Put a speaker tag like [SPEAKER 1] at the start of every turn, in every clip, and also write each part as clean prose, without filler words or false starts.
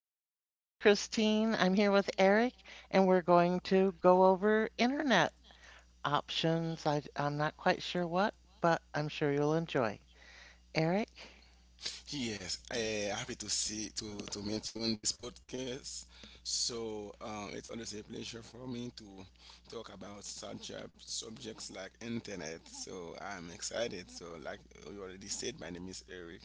[SPEAKER 1] right, my name is Christine. I'm here with Eric, and we're going to go over internet options. I'm not quite sure what, but I'm sure you'll enjoy. Eric?
[SPEAKER 2] Yes, happy to see to meet you on this podcast. So it's always a pleasure for me to talk about such subjects like internet. So I'm excited. So like you already said, my name is Eric.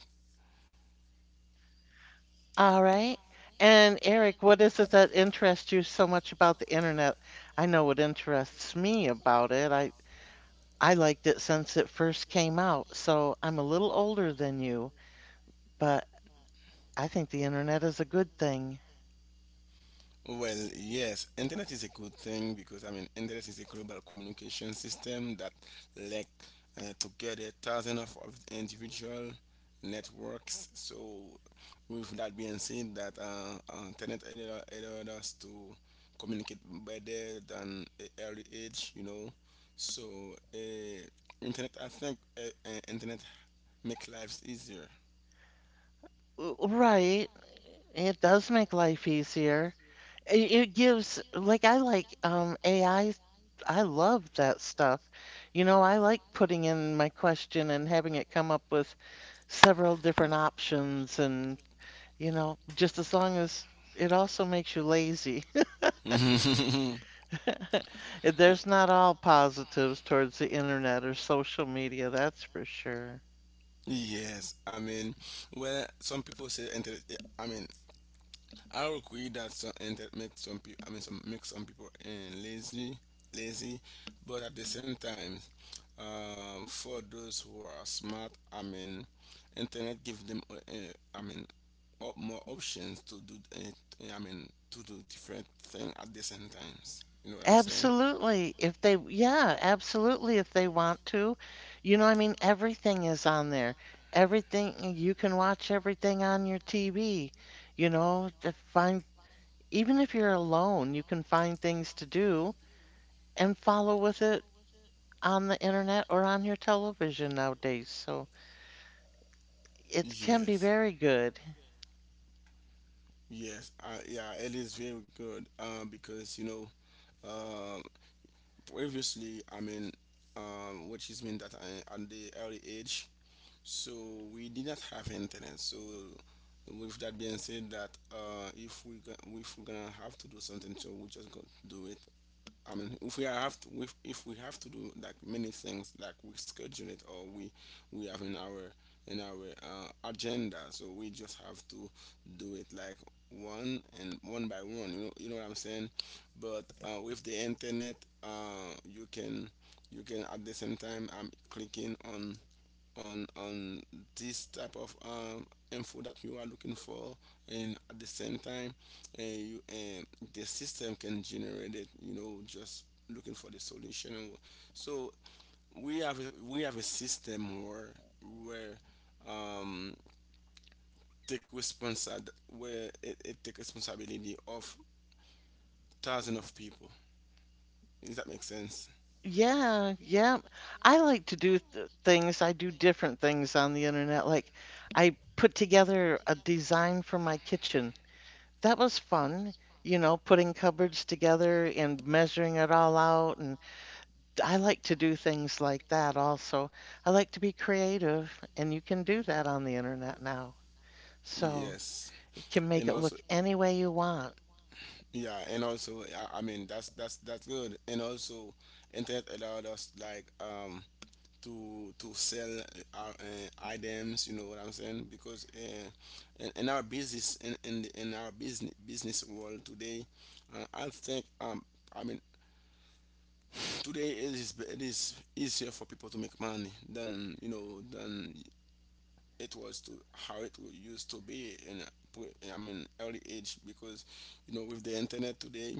[SPEAKER 1] All right. And Eric, what is it that interests you so much about the internet? I know what interests me about it. I liked it since it first came out, so I'm a little older than you, but I think the internet is a good thing.
[SPEAKER 2] Well, yes, internet is a good thing because I mean, internet is a global communication system that link together thousands of individual networks. So, with that being said, that internet allowed us to communicate better than a early age. So, uh, internet, I think, internet make lives easier.
[SPEAKER 1] Right. It does make life easier. It gives, like, I like AI. I love that stuff. You know, I like putting in my question and having it come up with several different options, and, you know, just as long as it also makes you lazy. There's not all positives towards the internet or social media, that's for sure.
[SPEAKER 2] Yes, I mean, well, some people say internet. I mean, I agree that some internet makes some people. I mean, some makes some people lazy, but at the same time, for those who are smart, I mean, internet give them. I mean, more options to do. I mean, to do different thing at the same times. You know what I'm saying?
[SPEAKER 1] Absolutely. If they yeah, absolutely, if they want to. You know, I mean, everything is on there. Everything you can watch everything on your TV, you know, to find even if you're alone, you can find things to do and follow with it on the internet or on your television nowadays. So it can be
[SPEAKER 2] Yes.
[SPEAKER 1] very good.
[SPEAKER 2] Yes, yeah, it is very good because um, previously I mean, which is mean that I, at the early age, so we did not have internet. So with that being said, that if we're gonna have to do something, so we just gonna do it. I mean, if we have to do like many things, like we schedule it or we have in our agenda, so we just have to do it like one by one. You know what I'm saying? But with the internet, uh, you can you can at the same time I'm clicking on this type of info that you are looking for and at the same time uh, you, uh the system can generate it just looking for the solution so we have a system where um, where it take responsibility of thousands of people. Does that make sense?
[SPEAKER 1] Yeah. I like to do th things. I do different things on the internet. Like I put together a design for my kitchen. That was fun, you know, putting cupboards together and measuring it all out. And I like to do things like that also. I like to be creative, and you can do that on the internet now. So
[SPEAKER 2] Yes.
[SPEAKER 1] you can
[SPEAKER 2] and
[SPEAKER 1] make it
[SPEAKER 2] also
[SPEAKER 1] look any way you want.
[SPEAKER 2] Yeah, and also I mean that's good. And also, internet allowed us like to sell our items. You know what I'm saying? Because in our business in our business world today, I think I mean today it is easier for people to make money than than it was to how used to be in a I mean early age because with the internet today,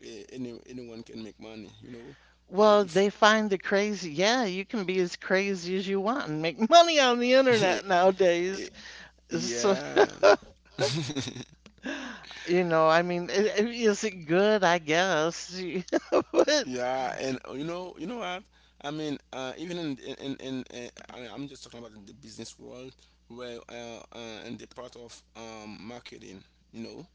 [SPEAKER 2] anyone can make money.
[SPEAKER 1] Well,
[SPEAKER 2] If.
[SPEAKER 1] they find the crazy. Yeah, you can be as crazy as you want and make money on the internet nowadays. So,
[SPEAKER 2] Yeah.
[SPEAKER 1] you know, I mean, is it good? I
[SPEAKER 2] Yeah.
[SPEAKER 1] guess. But,
[SPEAKER 2] Yeah, and you know what? I mean, even in I mean, I'm just talking about in the business world, where in the part of marketing, you know.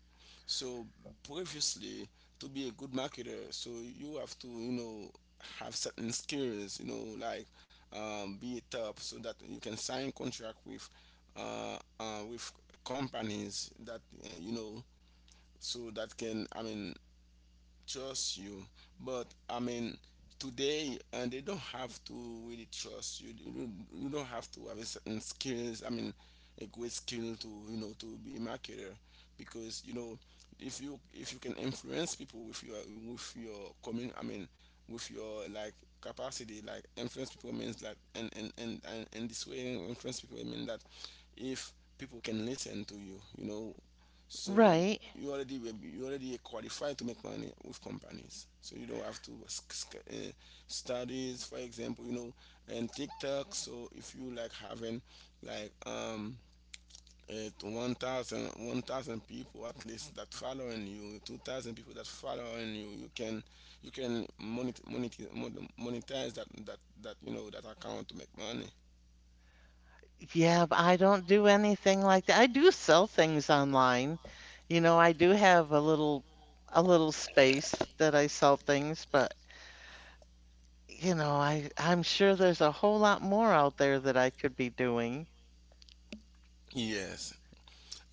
[SPEAKER 2] So previously, to be a good marketer, so you have to, have certain skills, like be it up so that you can sign contract with companies that so that can I mean trust you, but I mean today, and they don't have to really trust you. Don't, you don't have to have a certain skills, I mean a great skill to to be a marketer because if you can influence people with your commun I mean with your like capacity, like influence people means like, and this way influence people mean that if people can listen to you you know so
[SPEAKER 1] right.
[SPEAKER 2] You already you already qualified to make money with companies, so you don't have to studies, for example. And TikTok, so if you like having like one thousand people, at least, that following you, 2,000 people that following you, you can monetize that that account to make money.
[SPEAKER 1] Yeah, but I don't do anything like that. I do sell things online. You know, I do have a little space that I sell things, but you know, I'm sure there's a whole lot more out there that I could be doing.
[SPEAKER 2] Yes.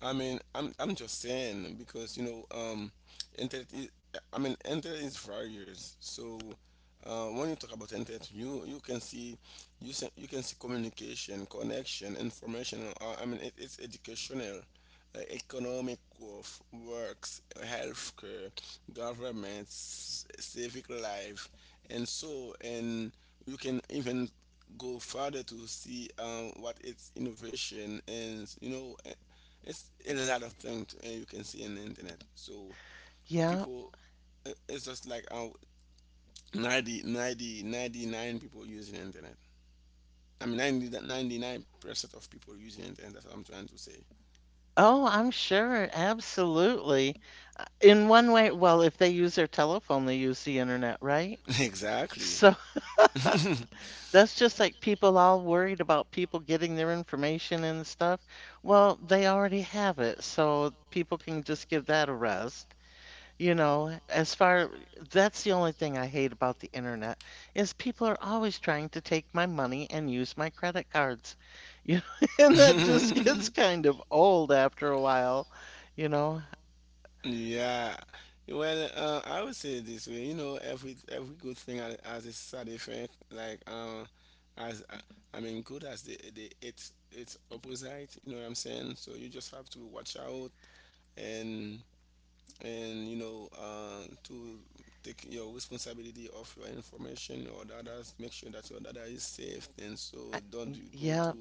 [SPEAKER 2] I mean, I'm just saying because internet is, I mean, internet is various. So when you talk about internet, you can see you can see communication, connection, information. I mean, it's educational, economic growth, works, healthcare, government, civic life, and so. And you can even go further to see what its innovation, and it's a lot of things you can see in the internet. So
[SPEAKER 1] Yeah.
[SPEAKER 2] people, it's just like ninety-nine people using internet. I mean, 99% of people using internet. That's what I'm trying to say.
[SPEAKER 1] Oh, I'm sure. Absolutely. In one way, well, if they use their telephone, they use the internet, right?
[SPEAKER 2] Exactly.
[SPEAKER 1] So. That's just like people all worried about people getting their information and stuff. Well, they already have it, so people can just give that a rest. You know, as far that's the only thing I hate about the internet is people are always trying to take my money and use my credit cards. You know, and that just gets kind of old after a while, you know.
[SPEAKER 2] Yeah. Well, I would say it this way. You know, every good thing has a side effect. Like, as I mean, good as the it's opposite. You know what I'm saying? So you just have to watch out, and to take your responsibility of your information or others, make sure that your data is safe, and so
[SPEAKER 1] I,
[SPEAKER 2] don't you go to
[SPEAKER 1] yeah,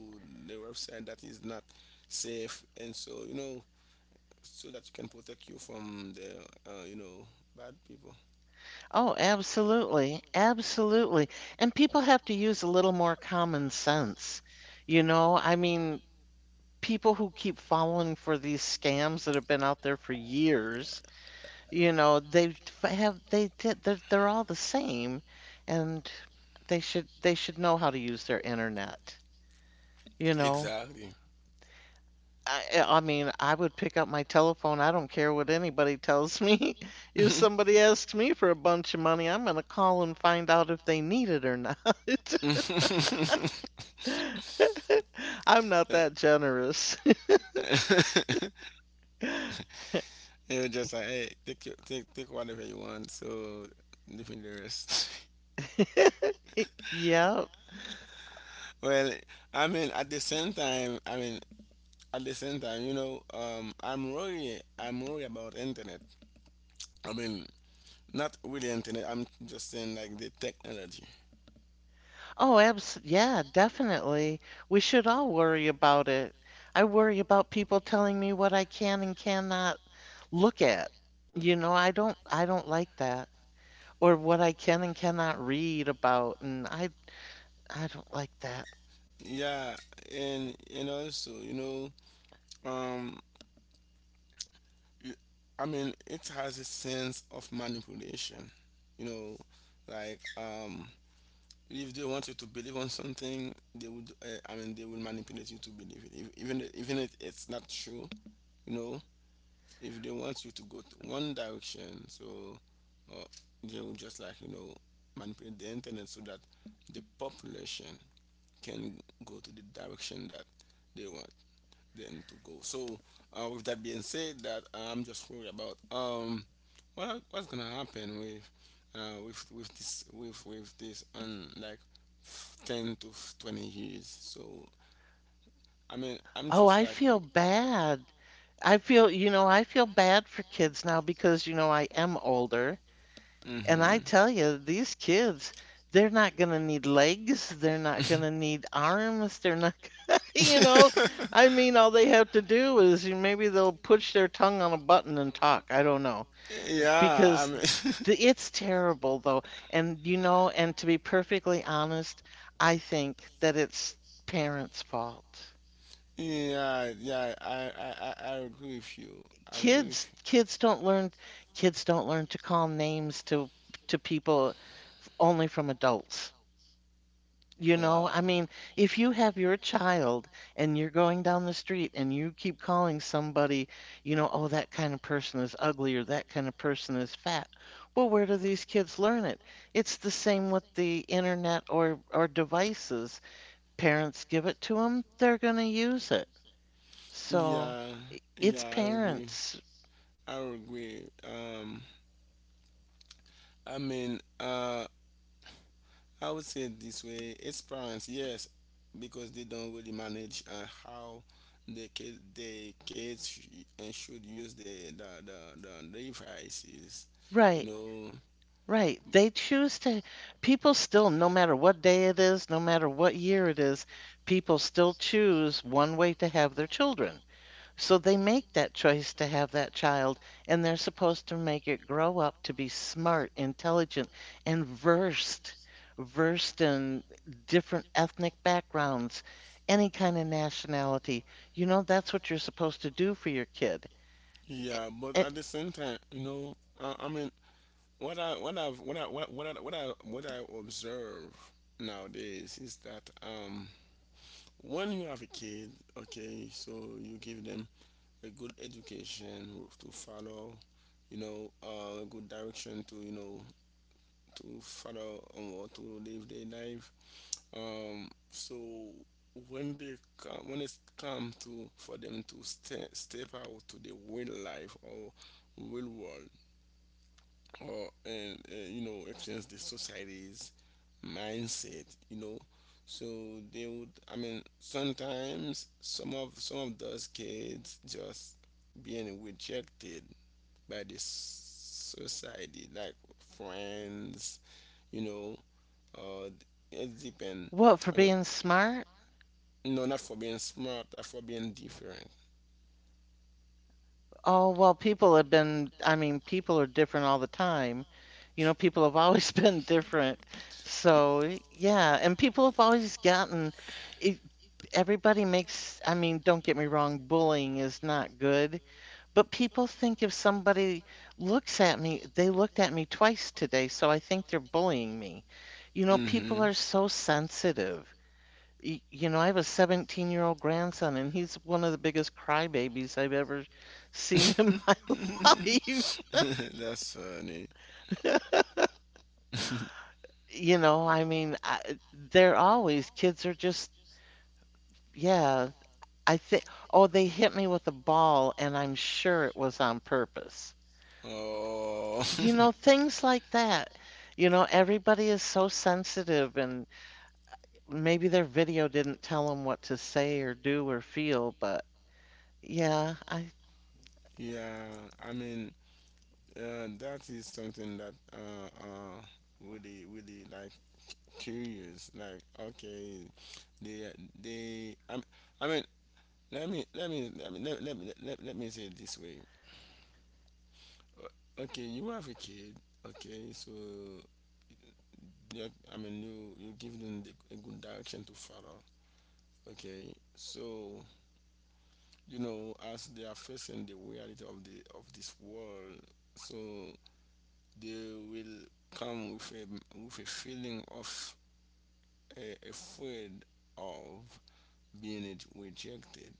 [SPEAKER 2] the website that is not safe, and so so that you can protect you from the bad people.
[SPEAKER 1] oh, absolutely. Absolutely. And people have to use a little more common sense. You know, I mean, people who keep falling for these scams that have been out there for years, you know, they have they they're all the same and they should know how to use their internet, you know.
[SPEAKER 2] Exactly.
[SPEAKER 1] I mean, I would pick up my telephone. I don't care what anybody tells me. If somebody asks me for a bunch of money, I'm going to call and find out if they need it or not. I'm not that generous.
[SPEAKER 2] It was just like, hey, take whatever you want. So leaving the rest.
[SPEAKER 1] Yep.
[SPEAKER 2] Well, I mean, at the same time, I mean, at the same time, I'm worried. I'm worried about internet. I mean, not really internet. I'm just saying like the technology.
[SPEAKER 1] Oh, abs yeah, definitely. We should all worry about it. I worry about people telling me what I can and cannot look at. You know, I don't like that. Or what I can and cannot read about. And I don't like that.
[SPEAKER 2] Yeah, and also, um, y- I mean, it has a sense of manipulation. You know, like if they want you to believe on something, they would I mean they will manipulate you to believe it if, even even if it's not true, you know if they want you to go to one direction, so uh, they will just like manipulate the internet so that the population can go to the direction that they want them to go. So, with that being said, that I'm just worried about what's gonna happen with with this on like 10 to 20 years. So, I mean, I'm
[SPEAKER 1] Oh,
[SPEAKER 2] just
[SPEAKER 1] I
[SPEAKER 2] like.
[SPEAKER 1] feel bad. I feel, you know, I feel bad for kids now because, you know, I am older. And
[SPEAKER 2] Mm-hmm.
[SPEAKER 1] I tell you, these kids, they're not going to need legs. They're not going to need arms. They're not, you know, I mean, all they have to do is maybe they'll push their tongue on a button and talk. I don't know.
[SPEAKER 2] Yeah, I
[SPEAKER 1] Because
[SPEAKER 2] mean.
[SPEAKER 1] the, it's terrible, though. And, you know, and to be perfectly honest, I think that it's parents' fault.
[SPEAKER 2] Yeah, yeah, I agree with you. I agree
[SPEAKER 1] kids
[SPEAKER 2] with
[SPEAKER 1] kids don't learn kids don't learn to call names to people only from adults. You
[SPEAKER 2] you.
[SPEAKER 1] know, I
[SPEAKER 2] Wow.
[SPEAKER 1] mean, if you have your child and you're going down the street and you keep calling somebody, you know, oh, that kind of person is ugly or that kind of person is fat. Well, where do these kids learn it? It's the same with the internet or devices. Parents give it to them, they're going to use it. So,
[SPEAKER 2] Yeah,
[SPEAKER 1] it's
[SPEAKER 2] yeah, I agree.
[SPEAKER 1] parents.
[SPEAKER 2] I agree. I mean, I would say it this way: it's parents, yes, because they don't really manage how the kid, the kids sh- and should use the devices, you
[SPEAKER 1] Right.
[SPEAKER 2] know.
[SPEAKER 1] Right. They choose to, people still, no matter what day it is, no matter what year it is, people still choose one way to have their children. So they make that choice to have that child, and they're supposed to make it grow up to be smart, intelligent, and versed, versed in different ethnic backgrounds, any kind of nationality. You know, that's what you're supposed to do for your kid.
[SPEAKER 2] Yeah, but
[SPEAKER 1] A- a-
[SPEAKER 2] at the same time, I mean, what I've what I what I what I observe nowadays is that when you have a kid, okay, so you give them a good education to follow, a good direction to to follow or to live their life. So when it's come to for them to step out to the real life or real world, or and influence the society's mindset so they would I mean sometimes some of those kids just being rejected by this society, like friends you know uh it depends.
[SPEAKER 1] What, for
[SPEAKER 2] I mean,
[SPEAKER 1] being smart?
[SPEAKER 2] no, not for being smart, but for being different.
[SPEAKER 1] Oh, well, people have been, I mean, people are different all the time. You know, people have always been different. So, yeah, and people have always gotten it, everybody makes, I mean, don't get me wrong, bullying is not good, but people think if somebody looks at me, they looked at me twice today, so I think they're bullying me. You know, people
[SPEAKER 2] Mm-hmm.
[SPEAKER 1] are so sensitive. You know, I have a 17-year-old grandson, and he's one of the biggest crybabies I've ever seen him. life.
[SPEAKER 2] That's funny.
[SPEAKER 1] You know, I mean, I, they're always kids are just, yeah. I think, oh, they hit me with a ball, and I'm sure it was on purpose.
[SPEAKER 2] Oh.
[SPEAKER 1] You know, things like that. You know, everybody is so sensitive, and maybe their video didn't tell them what to say or do or feel, but yeah, I,
[SPEAKER 2] Yeah, I mean, that is something that really, really like curious. Like, okay, they, they. I, I mean, let me say it this way. Okay, you have a kid. Okay, so, yeah, I mean, you give them a good direction to follow. Okay, so as they are facing the reality of the of this world, so they will come with a feeling of afraid of being rejected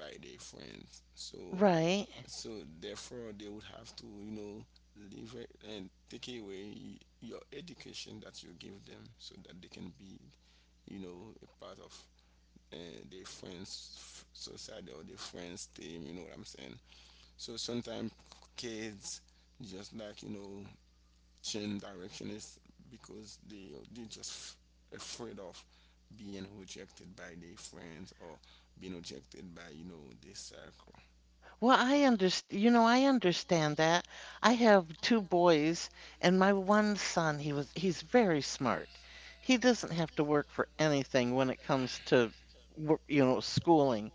[SPEAKER 2] by their friends. So,
[SPEAKER 1] right.
[SPEAKER 2] so therefore, they would have to, leave it and take away your education that you give them so that they can be, a part of uh, their friends' society or their friends' team. You know what I'm saying? So sometimes kids just like change direction is because they just afraid of being rejected by their friends or being rejected by their circle.
[SPEAKER 1] Well, I understand, you know, I understand that. I have two boys, and my one son, he was, he's very smart. He doesn't have to work for anything when it comes to, you know, schooling.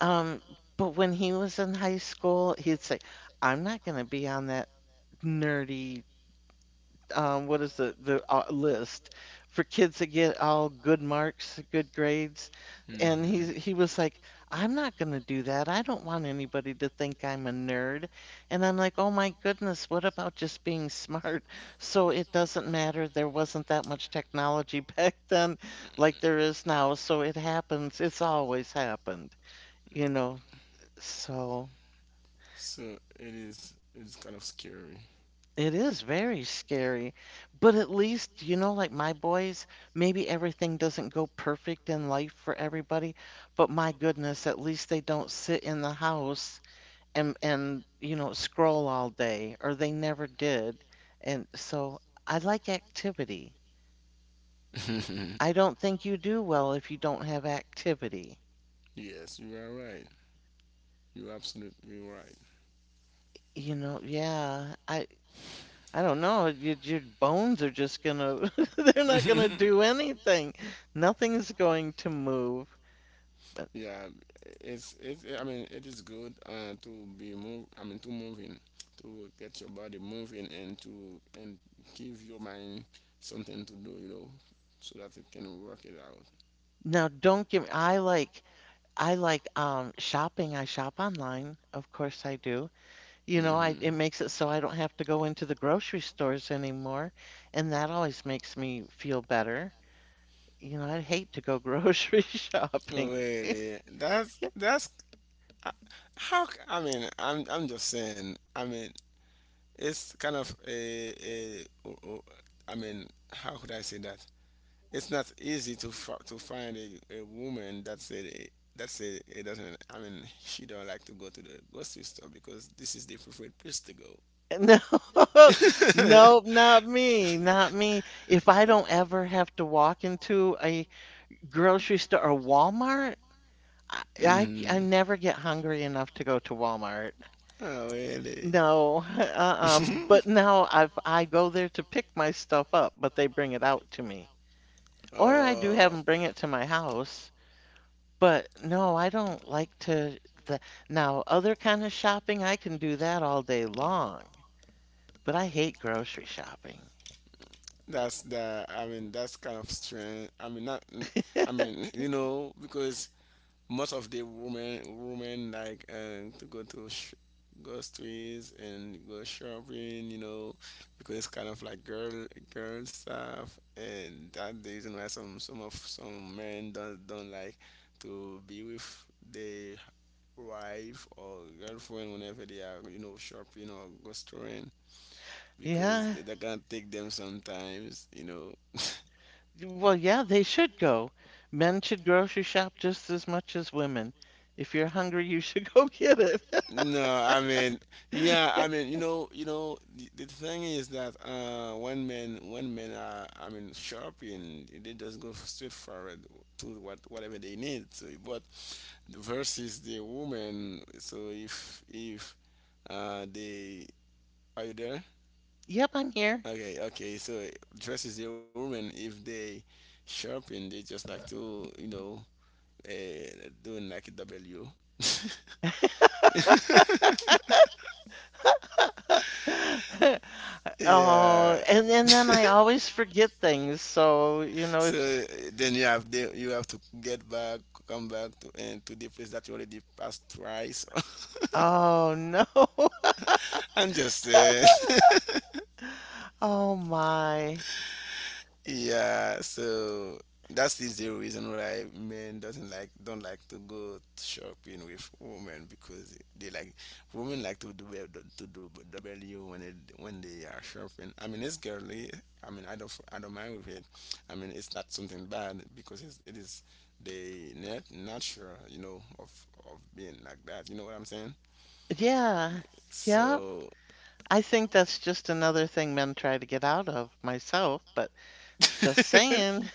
[SPEAKER 1] Um, but when he was in high school, he'd say, I'm not going to be on that nerdy what is the list for kids that get all good marks, good grades, and he
[SPEAKER 2] Hmm.
[SPEAKER 1] he was like, I'm not going to do that. I don't want anybody to think I'm a nerd. And I'm like, oh my goodness, what about just being smart? So it doesn't matter. There wasn't that much technology back then, like there is now. So it happens. It's always happened, you know. So.
[SPEAKER 2] So it is, it's kind of scary.
[SPEAKER 1] It is very scary, but at least, you know, like my boys, maybe everything doesn't go perfect in life for everybody, but my goodness, at least they don't sit in the house and you know, scroll all day, or they never did. And so I like activity. I don't think you do well if you don't have activity.
[SPEAKER 2] Yes, you are right. You're absolutely.
[SPEAKER 1] You know, yeah. I don't know, your bones are just gonna they're not
[SPEAKER 2] Right.
[SPEAKER 1] gonna do anything. Nothing's going to move. But
[SPEAKER 2] Yeah, it's it's. I mean, it is good to be move. I mean, to get your body moving, and to and give your mind something to do. You know, so that it can work it out.
[SPEAKER 1] now don't give me I like shopping. I shop online, of course I do. You know, I
[SPEAKER 2] Hmm.
[SPEAKER 1] it makes it so I don't have to go into the grocery stores anymore, and that always makes me feel better. You know, I hate to go grocery shopping.
[SPEAKER 2] Really, that's. Uh, How I mean, I'm just saying. I mean, it's kind of a. I mean, how could I say that? It's not easy to find a woman that said it doesn't. I mean, she don't like to go to the grocery store because this is the preferred place to go.
[SPEAKER 1] No, nope, not me, not me. If I don't ever have to walk into a grocery store or Walmart? I
[SPEAKER 2] Hmm.
[SPEAKER 1] never get hungry enough to go to Walmart.
[SPEAKER 2] Oh really?
[SPEAKER 1] No, uh-uh. But now I go there to pick my stuff up, but they bring it out to me. Or I do
[SPEAKER 2] Oh,
[SPEAKER 1] have them bring it to my house. But no, I don't like to the now other kind of shopping, I can do that all day long. But I hate grocery shopping.
[SPEAKER 2] that's the. I mean, that's kind of strange. I mean, not. I mean, you know, because most of the women like to go to go streets and go shopping, you know, because it's kind of like girl stuff, and that the reason why some men don't like to be with their wife or girlfriend whenever they are shopping or go storing because
[SPEAKER 1] Yeah.
[SPEAKER 2] they can't take them sometimes.
[SPEAKER 1] Well, yeah, they should go. Men should grocery shop just as much as women. If you're hungry, you should go get it.
[SPEAKER 2] No, I mean, yeah, I mean, the thing is that when men, are, I mean, shopping, they just go straight forward to whatever they need. So, but versus the woman, so if they Are you there?
[SPEAKER 1] Yep, I'm here.
[SPEAKER 2] Okay, okay. So versus the woman, if they shopping, they just like to, doing like a W.
[SPEAKER 1] Oh,
[SPEAKER 2] Yeah.
[SPEAKER 1] and then I always forget things. So, you know, if,
[SPEAKER 2] So then you have you have to get back, come back to the place that you already passed twice.
[SPEAKER 1] oh no.
[SPEAKER 2] I'm just saying.
[SPEAKER 1] Oh my.
[SPEAKER 2] Yeah, so that's is the reason why men doesn't don't like to go shopping with women because they like women like to do to do double you when when they are shopping. I mean, it's girly. I mean, I don't mind with it. I mean, it's not something bad because it is they not natural, of being like that. You know what I'm saying?
[SPEAKER 1] Yeah. Yep.
[SPEAKER 2] So,
[SPEAKER 1] I think that's just another thing men try to get out of myself, but just saying.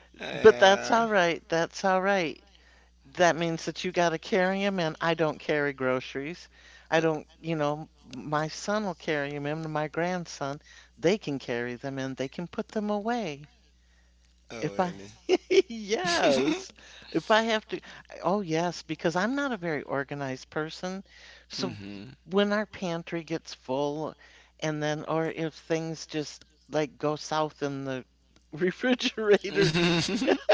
[SPEAKER 1] But that's
[SPEAKER 2] uh,
[SPEAKER 1] all right. That's all right. That means that you got to carry him, and I don't carry groceries. I don't, you know, my son will carry them, and my grandson, they can carry them and they can put them away.
[SPEAKER 2] oh
[SPEAKER 1] If I,
[SPEAKER 2] really?
[SPEAKER 1] yes, if I have to, oh, yes, because I'm not a very organized person. So
[SPEAKER 2] Hmm.
[SPEAKER 1] when our pantry gets full, and then, or if things just like go south in the refrigerator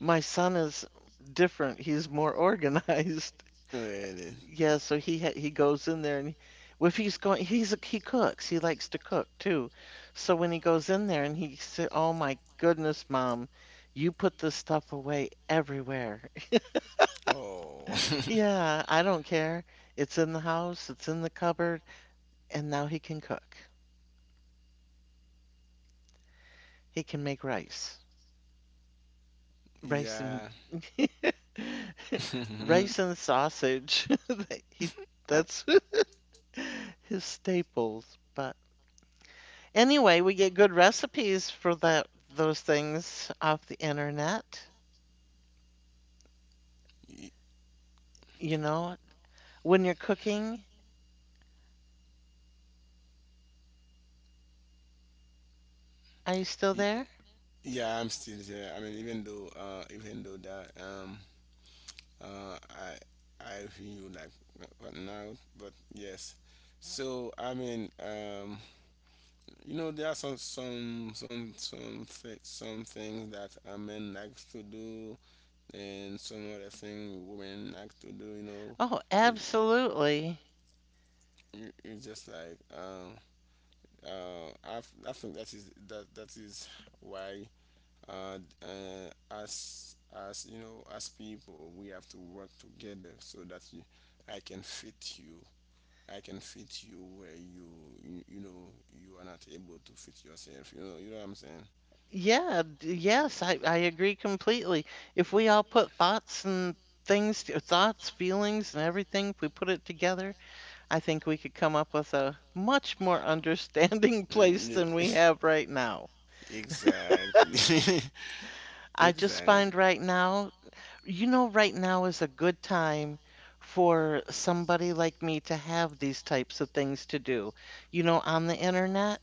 [SPEAKER 1] my son is different. He's more organized.
[SPEAKER 2] Really?
[SPEAKER 1] Yeah, so he goes in there and if he's going, he cooks. He likes to cook too. So when he goes in there and he said, "Oh my goodness, Mom, you put this stuff away everywhere."
[SPEAKER 2] Oh,
[SPEAKER 1] Yeah, I don't care. It's in the house. It's in the cupboard. And now he can cook. He can make rice, rice and
[SPEAKER 2] yeah.
[SPEAKER 1] rice and sausage. He that's. His staples, but anyway, we get good recipes for that those things off the internet,
[SPEAKER 2] Y-
[SPEAKER 1] you know. When you're cooking, are you still
[SPEAKER 2] y-
[SPEAKER 1] there?
[SPEAKER 2] yeah, I'm still here. I mean, even though that, uh, I, I feel like, but yes. So I mean, there are some things that a man likes to do, and some other thing women like to do. You know,
[SPEAKER 1] Oh,
[SPEAKER 2] it,
[SPEAKER 1] absolutely.
[SPEAKER 2] it's just like, I think that is that is why as you know, as people, we have to work together, so that I can fit you. I can fit you where you know you are not able to fit yourself. You know what I'm saying?
[SPEAKER 1] Yes, I agree completely. If we all put thoughts, feelings, and everything, if we put it together, I think we could come up with a much more understanding place
[SPEAKER 2] Mm,
[SPEAKER 1] than
[SPEAKER 2] yeah.
[SPEAKER 1] we have right now.
[SPEAKER 2] Exactly.
[SPEAKER 1] I just
[SPEAKER 2] Exactly.
[SPEAKER 1] find right now. You know, right now is a good time for somebody like me to have these types of things to do, you know, on the internet.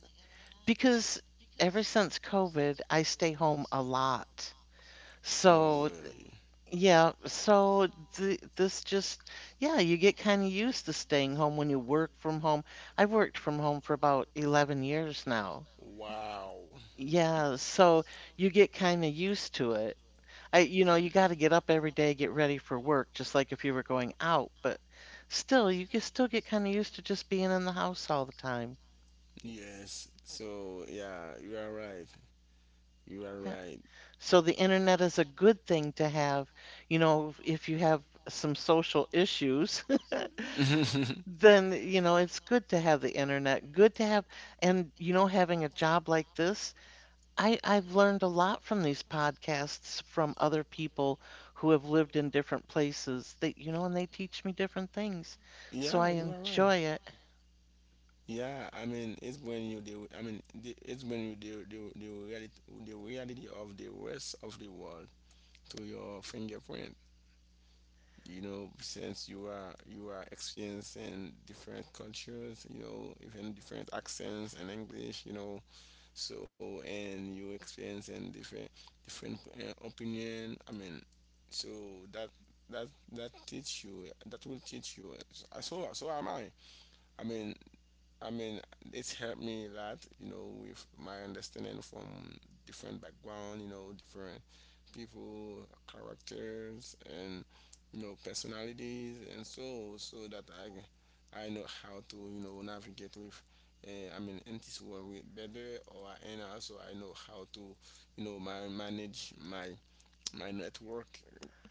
[SPEAKER 1] Because ever since COVID, I stay home a lot.
[SPEAKER 2] Oh
[SPEAKER 1] So,
[SPEAKER 2] really?
[SPEAKER 1] yeah, so th this just, yeah, you get kind of used to staying home when you work from home. I've worked from home for about 11 years now.
[SPEAKER 2] Wow.
[SPEAKER 1] Yeah, so you get kind of used to it. I, you know, you got to get up every day, get ready for work, just like if you were going out. But still, you can still get kind of used to just being in the house all the time.
[SPEAKER 2] Yes. So yeah, you are right. You are
[SPEAKER 1] Yeah.
[SPEAKER 2] right.
[SPEAKER 1] So the internet is a good thing to have. You know, if you have some social issues, then, you know, it's good to have the internet. Good to have, and, you know, having a job like this. I've learned a lot from these podcasts from other people who have lived in different places that, you know, and they teach me different things. So
[SPEAKER 2] Yeah,
[SPEAKER 1] I
[SPEAKER 2] you are right.
[SPEAKER 1] enjoy it.
[SPEAKER 2] Yeah, I mean it's when you deal. I mean, it's when you deal the reality of the rest of the world to your fingerprint. You know, since you are experiencing different cultures, you know, even different accents and English, so and you experience and different opinion. I mean, so that that that will teach you. So am I i mean I mean, it's helped me a lot, you know, with my understanding from different background, you know, different people, characters, and personalities, and so that I know how to navigate with. I mean, in this world with better, or and also I know how to my manage my network.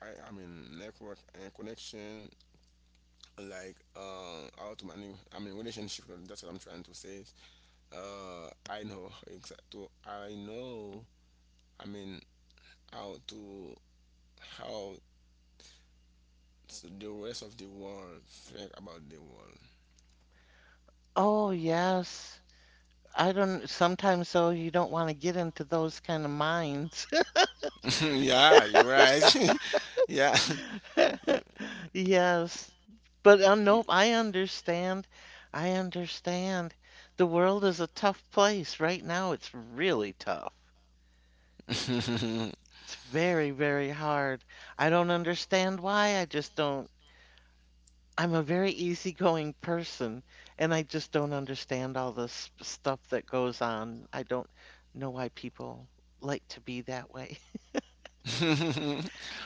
[SPEAKER 2] I mean, network and connection, like how to manage. I mean, relationship. That's what I'm trying to say. I know exactly. I know. I mean, how to how the rest of the world think about the world.
[SPEAKER 1] Oh, yes. I don't, sometimes though, you don't want to get into those kind of minds.
[SPEAKER 2] Yeah, you're right. Yeah, you,
[SPEAKER 1] Yes. But
[SPEAKER 2] you-
[SPEAKER 1] nope, I understand. I understand. The world is a tough place right now. It's really tough. It's very, very hard. I don't understand why. I just don't. I'm a very easygoing person, and I just don't understand all this stuff that goes on. I don't know why people like to be that way.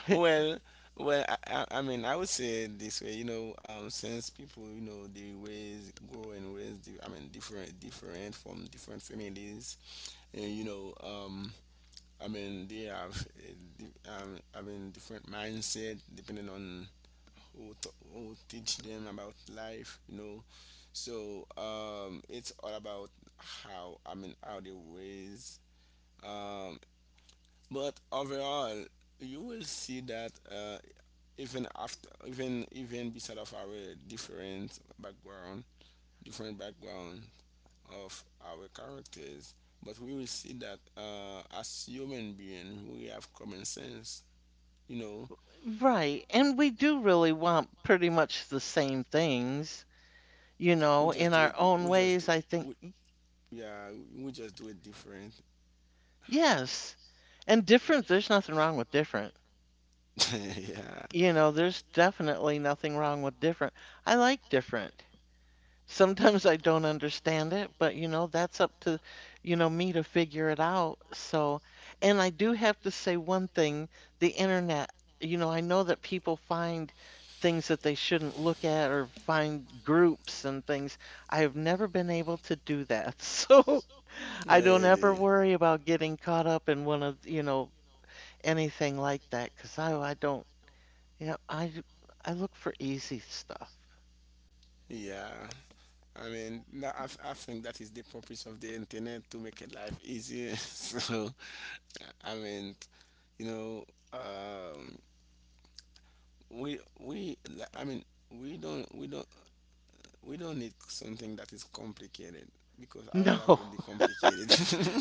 [SPEAKER 2] well, well, I mean, I would say it this way, you know, since people, they grow and raise, I mean, different from different families, and I mean, they have I mean different mindset depending on who teach them about life, So it's all about how I mean how they raise. Um, but overall, you will see that even beside of our different background of our characters, but we will see that as human being we have common sense you know
[SPEAKER 1] Right. And we do really want pretty much the same things, you know,
[SPEAKER 2] we
[SPEAKER 1] in
[SPEAKER 2] just do
[SPEAKER 1] our
[SPEAKER 2] it,
[SPEAKER 1] own
[SPEAKER 2] we just
[SPEAKER 1] ways,
[SPEAKER 2] do
[SPEAKER 1] I think.
[SPEAKER 2] we, yeah, we just do it different.
[SPEAKER 1] Yes. And different, there's nothing wrong with different.
[SPEAKER 2] Yeah.
[SPEAKER 1] You know, there's definitely nothing wrong with different. I like different. Sometimes I don't understand it, but you know, that's up to, you know, me to figure it out. So, and I do have to say one thing, the internet, you know, I know that people find things that they shouldn't look at or find groups and things. I have never been able to do that. So, I don't ever
[SPEAKER 2] Really?
[SPEAKER 1] worry about getting caught up in one of, you know, anything like that because I don't, you know, I look for easy stuff.
[SPEAKER 2] Yeah, I mean I think that is the purpose of the internet to make it life easier. So, I mean, you know um we li- I mean we don't we don't we don't need something that is complicated because our life
[SPEAKER 1] No.
[SPEAKER 2] already complicated.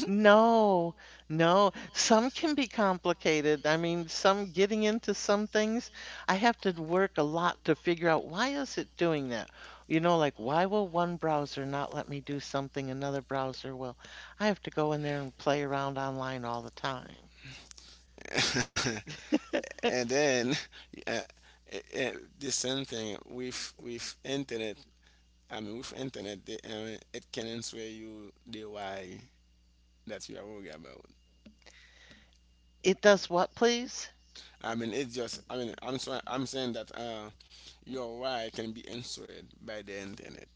[SPEAKER 1] No, no. Some can be complicated. I mean, some getting into some things, I have to work a lot to figure out why is it doing that? You know, like why will one browser not let me do something another browser will? I have to go in there and play around online all the time.
[SPEAKER 2] And then uh, uh, uh, the same thing with internet. I mean, with internet, I mean, it can answer you the why that you are worried about.
[SPEAKER 1] It does what, please?
[SPEAKER 2] I mean, it's just. I mean, I'm sorry, I'm saying that your why can be answered by the internet.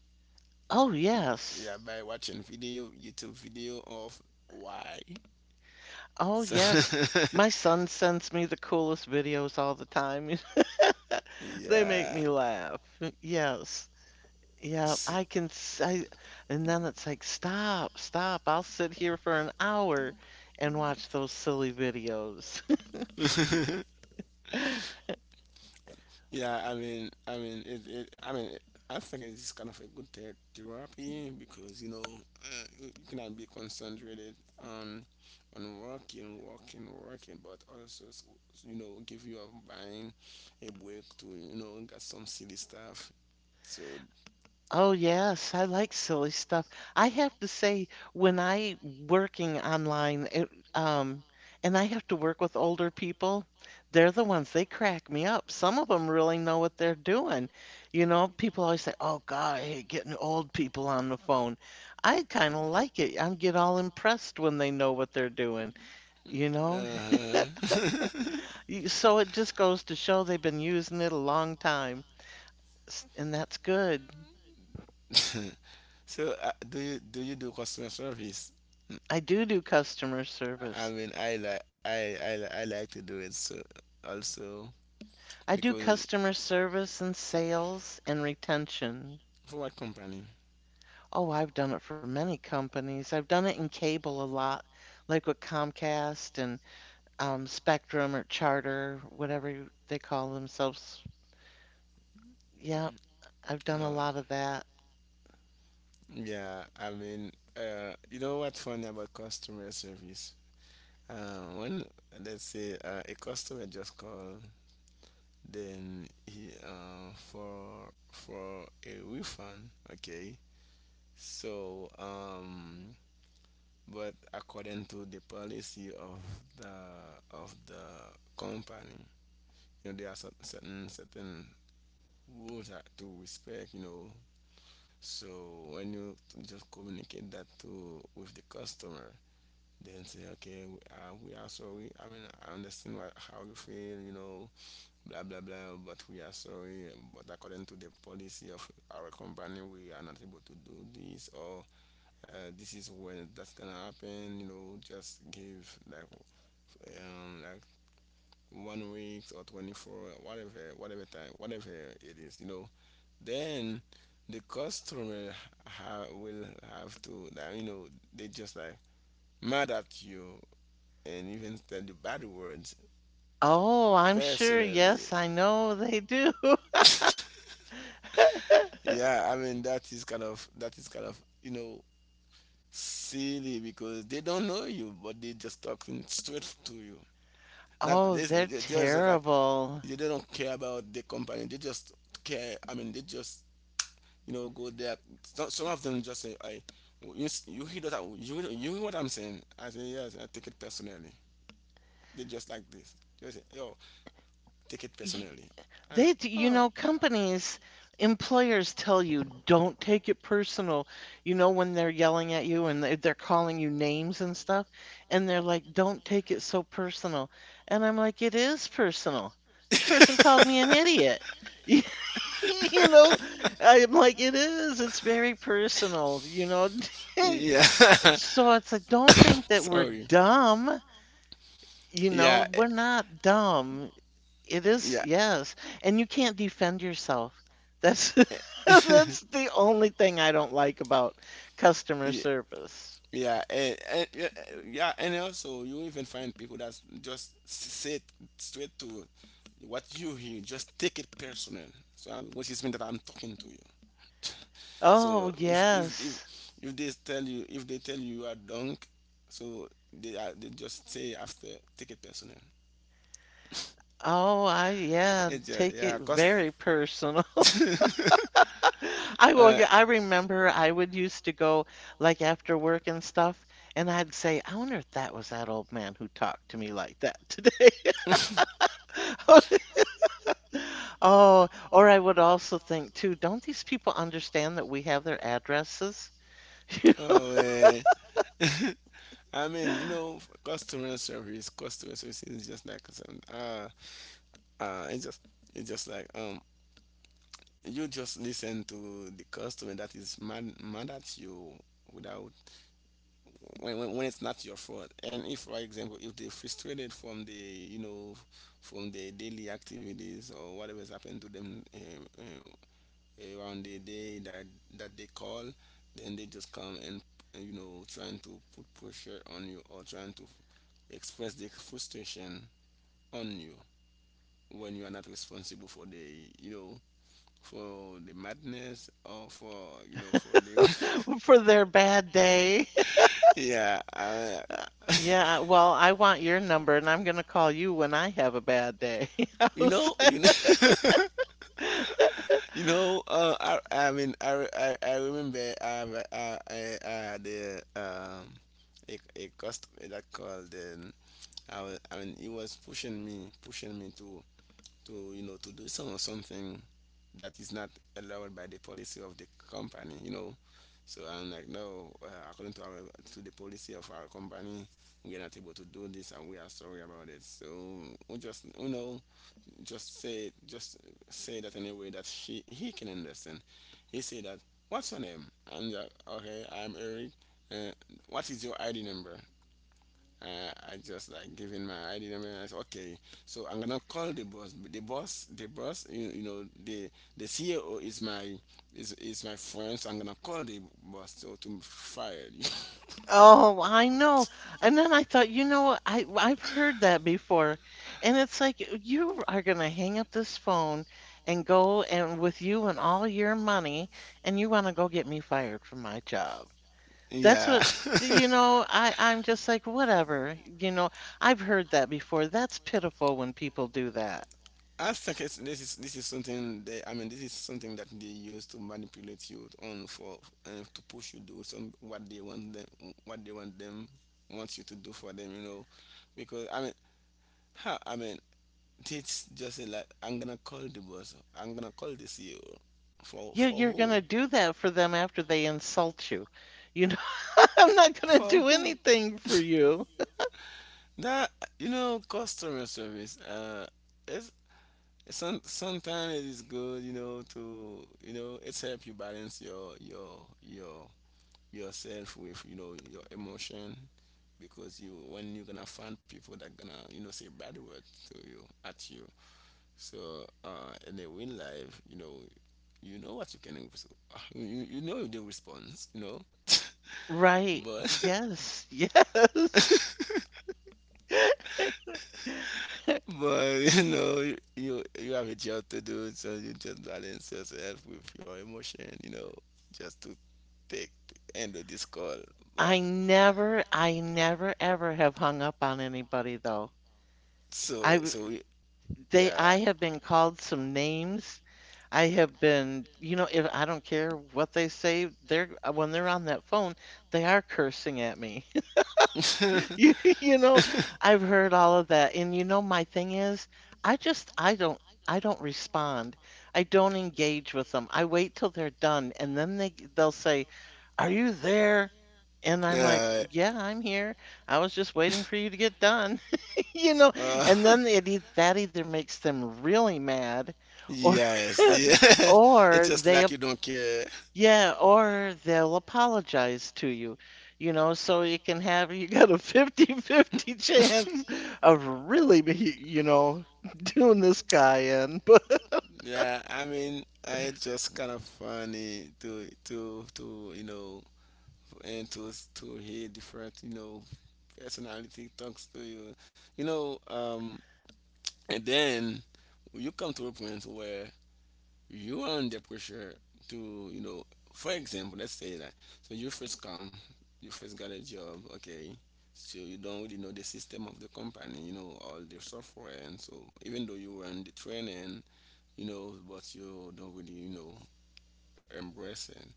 [SPEAKER 1] Oh, yes.
[SPEAKER 2] Yeah, by watching video, YouTube video of why.
[SPEAKER 1] Oh,
[SPEAKER 2] So,
[SPEAKER 1] yes. My son sends me the coolest videos all the time. They make
[SPEAKER 2] yeah.
[SPEAKER 1] me laugh. Yes. Yeah,
[SPEAKER 2] S-
[SPEAKER 1] I can s I and then it's like, "Stop, stop. I'll sit here for an hour and watch those silly videos."
[SPEAKER 2] Yeah, I mean, I mean, I think it's kind of a good therapy because you cannot be concentrated on working, working, working, but also give you a mind, a break to get some silly stuff. So,
[SPEAKER 1] Oh, yes, I like silly stuff. I have to say, when I working online, um, and I have to work with older people, they're the ones they crack me up. Some of them really know what they're doing. You know, people always say, "Oh God, I hate getting old people on the phone." I kind of like it. I get all impressed when they know what they're doing. You know,
[SPEAKER 2] uh-huh.
[SPEAKER 1] So it just goes to show they've been using it a long time, and that's good.
[SPEAKER 2] So, do you do you do customer service?
[SPEAKER 1] I do do customer
[SPEAKER 2] I
[SPEAKER 1] service.
[SPEAKER 2] mean, I like I li- I like to do it, so also
[SPEAKER 1] I do
[SPEAKER 2] because.
[SPEAKER 1] customer service and sales and retention.
[SPEAKER 2] For what company?
[SPEAKER 1] Oh, I've done it for many companies. I've done it in cable a lot, like with Comcast and Spectrum or Charter, whatever they call themselves. Yeah, I've done a
[SPEAKER 2] Uh,
[SPEAKER 1] lot of that.
[SPEAKER 2] yeah, I mean, you know what's funny about customer service? When let's say a customer just call, then he for a refund, okay. So but according to the policy of the company, there are certain rules that to respect. So when you just communicate that to with the customer, then say, okay, we are sorry. I mean, I understand how you feel, blah blah blah. But we are sorry. But according to the policy of our company, we are not able to do this, or this is when that's gonna happen. Just give like one week or 24, whatever whatever time whatever it is. Then the customer will have to that. They just like mad at you and even tell you bad words
[SPEAKER 1] Oh, I'm sure. Yes,
[SPEAKER 2] personally.
[SPEAKER 1] I know they do.
[SPEAKER 2] Yeah, I mean that is kind of, silly, because they don't know you but they just talking straight to you. Not
[SPEAKER 1] Oh,
[SPEAKER 2] this,
[SPEAKER 1] they're
[SPEAKER 2] they just like,
[SPEAKER 1] terrible.
[SPEAKER 2] they don't care about the company, they just care, I mean, they just, go there. Some of them just say, you hear that? You hear what I'm saying?" I say, "Yes, I take it personally." They just like this. They say, "Yo, take it
[SPEAKER 1] Y-
[SPEAKER 2] personally." I know.
[SPEAKER 1] You
[SPEAKER 2] Oh,
[SPEAKER 1] know, companies, employers tell you don't take it personal. You know, when they're yelling at you and they're calling you names and stuff, and they're like, don't take it so personal. And I'm like, it is personal. The person called me an idiot. You know, I'm like, it is. It's very personal, you know.
[SPEAKER 2] yeah.
[SPEAKER 1] So it's like, don't think that we're
[SPEAKER 2] Sorry.
[SPEAKER 1] dumb. You know,
[SPEAKER 2] Yeah,
[SPEAKER 1] we're not dumb. It is,
[SPEAKER 2] yeah.
[SPEAKER 1] yes, and you can't defend yourself. That's that's the only thing I don't like about customer
[SPEAKER 2] Yeah,
[SPEAKER 1] service.
[SPEAKER 2] yeah, and yeah, yeah, and also you even find people that just sit straight to what you hear, just take it personal. So, which is mean that I'm talking to you.
[SPEAKER 1] Oh,
[SPEAKER 2] So
[SPEAKER 1] yes.
[SPEAKER 2] if they tell you, you are drunk, so they just say after take it personal.
[SPEAKER 1] Oh, I yeah,
[SPEAKER 2] It's just,
[SPEAKER 1] take
[SPEAKER 2] yeah,
[SPEAKER 1] it
[SPEAKER 2] cause
[SPEAKER 1] very personal. I will
[SPEAKER 2] uh,
[SPEAKER 1] get, I remember I would used to go like after work and stuff, and I'd say, I wonder if that was that old man who talked to me like that today. Oh, or I would also think too, don't these people understand that we have their addresses?
[SPEAKER 2] oh. Eh. I mean, customer service is just like some uh it's just it's just like you just listen to the customer that is mad mad at you without, when it's not your fault. And if, for example, if they're frustrated from the from the daily activities or whatever has happened to them around the day that they call, then they just come and trying to put pressure on you, or trying to express their frustration on you when you are not responsible for the for the madness, or for for the.
[SPEAKER 1] For their bad day.
[SPEAKER 2] yeah,
[SPEAKER 1] Yeah, well, I want your number and I'm going to call you when I have a bad day. I
[SPEAKER 2] you
[SPEAKER 1] was
[SPEAKER 2] know you
[SPEAKER 1] like,
[SPEAKER 2] know you know uh, I remember I have a- I had a a customer that called, and I mean he was pushing me to to to do some or something that is not allowed by the policy of the company. So I'm like, no, according to our to the policy of our company, we're not able to do this, and we are sorry about it. So we just just say that in a way that she he can understand. He said that, what's your name? I'm like, okay, I'm Eric. uh, what is your ID number? I just like giving my ID number. And I said, okay, so I'm gonna call the boss. You, you know, the CEO is my, is my friend. So I'm gonna call the boss so to fire you.
[SPEAKER 1] oh, I know. And then I thought, you know, I've heard that before. And it's like you are going to hang up this phone and go and with you and all your money and you want to go get me fired from my job. That's
[SPEAKER 2] yeah.
[SPEAKER 1] what you know, I'm just like whatever. You know, I've heard that before. That's pitiful when people do that.
[SPEAKER 2] I think it's, this is something that, I mean, this is something that they use to manipulate you on, for to push you do some what they want them, what they want them wants you to do for them. You know, because, I mean, how, it's just say like, I'm gonna call the boss, I'm gonna call the CEO. For
[SPEAKER 1] You
[SPEAKER 2] for
[SPEAKER 1] you're
[SPEAKER 2] who?
[SPEAKER 1] gonna do that for them after they insult you. You know, I'm not gonna
[SPEAKER 2] For
[SPEAKER 1] do
[SPEAKER 2] who?
[SPEAKER 1] anything for you.
[SPEAKER 2] That, you know, customer service. It's, some sometimes it is good, you know, it's help you balance your your yourself with, you know, your emotion, because you when you're gonna find people that gonna, you know, say bad words to you, at you. So, in a real life, you know what you can res- you know the response, you know.
[SPEAKER 1] Right.
[SPEAKER 2] But,
[SPEAKER 1] Yes. Yes.
[SPEAKER 2] but you know, you, you have a job to do, so you just balance yourself with your emotion, you know, just to take the end of this call. But
[SPEAKER 1] I never ever have hung up on anybody though.
[SPEAKER 2] so
[SPEAKER 1] I
[SPEAKER 2] so we-
[SPEAKER 1] they
[SPEAKER 2] yeah.
[SPEAKER 1] I have been called some names. I have been, you know, if I don't care what they say, they're when they're on that phone, they are cursing at me. You know, I've heard all of that. And you know, my thing is, I just, I don't, I don't respond. I don't engage with them. I wait till they're done and then they'll say, are you there? And I'm like,
[SPEAKER 2] yeah
[SPEAKER 1] yeah, I'm here. I was just waiting for you to get done, you know?
[SPEAKER 2] uh,
[SPEAKER 1] And then that either makes them really mad or,
[SPEAKER 2] yes, yeah. it's
[SPEAKER 1] or
[SPEAKER 2] just
[SPEAKER 1] they
[SPEAKER 2] like you don't care.
[SPEAKER 1] yeah, or they'll apologize to you, you know, so you can have you got a 50-50 chance of really, you know, doing this guy in. But
[SPEAKER 2] Yeah, I mean, it's just kind of funny to and to to hear different, you know, personality talks to you, you know. And then you come to a point where you are under pressure to, you know, for example, let's say that, so you first come, you first got a job, okay, so you don't really know the system of the company, you know, all the software, and so even though you were in the training, you know, but you don't really, you know, embracing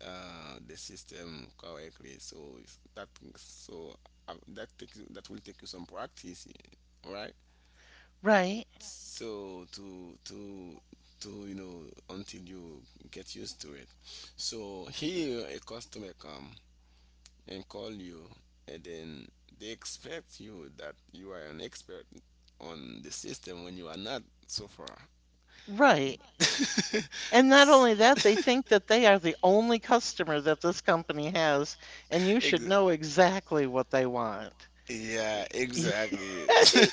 [SPEAKER 2] the system correctly. So so that takes that will take you some practice, eh, right? Right.
[SPEAKER 1] right,
[SPEAKER 2] So to you know until you get used to it. So here a customer come and call you, and then they expect you that you are an expert on the system when you are not so far.
[SPEAKER 1] right.
[SPEAKER 2] Right.
[SPEAKER 1] And not
[SPEAKER 2] S-
[SPEAKER 1] only that, they think that they are the only customer that this company has, and you should
[SPEAKER 2] ex-
[SPEAKER 1] know exactly what they want.
[SPEAKER 2] Yeah, exactly.
[SPEAKER 1] Yeah.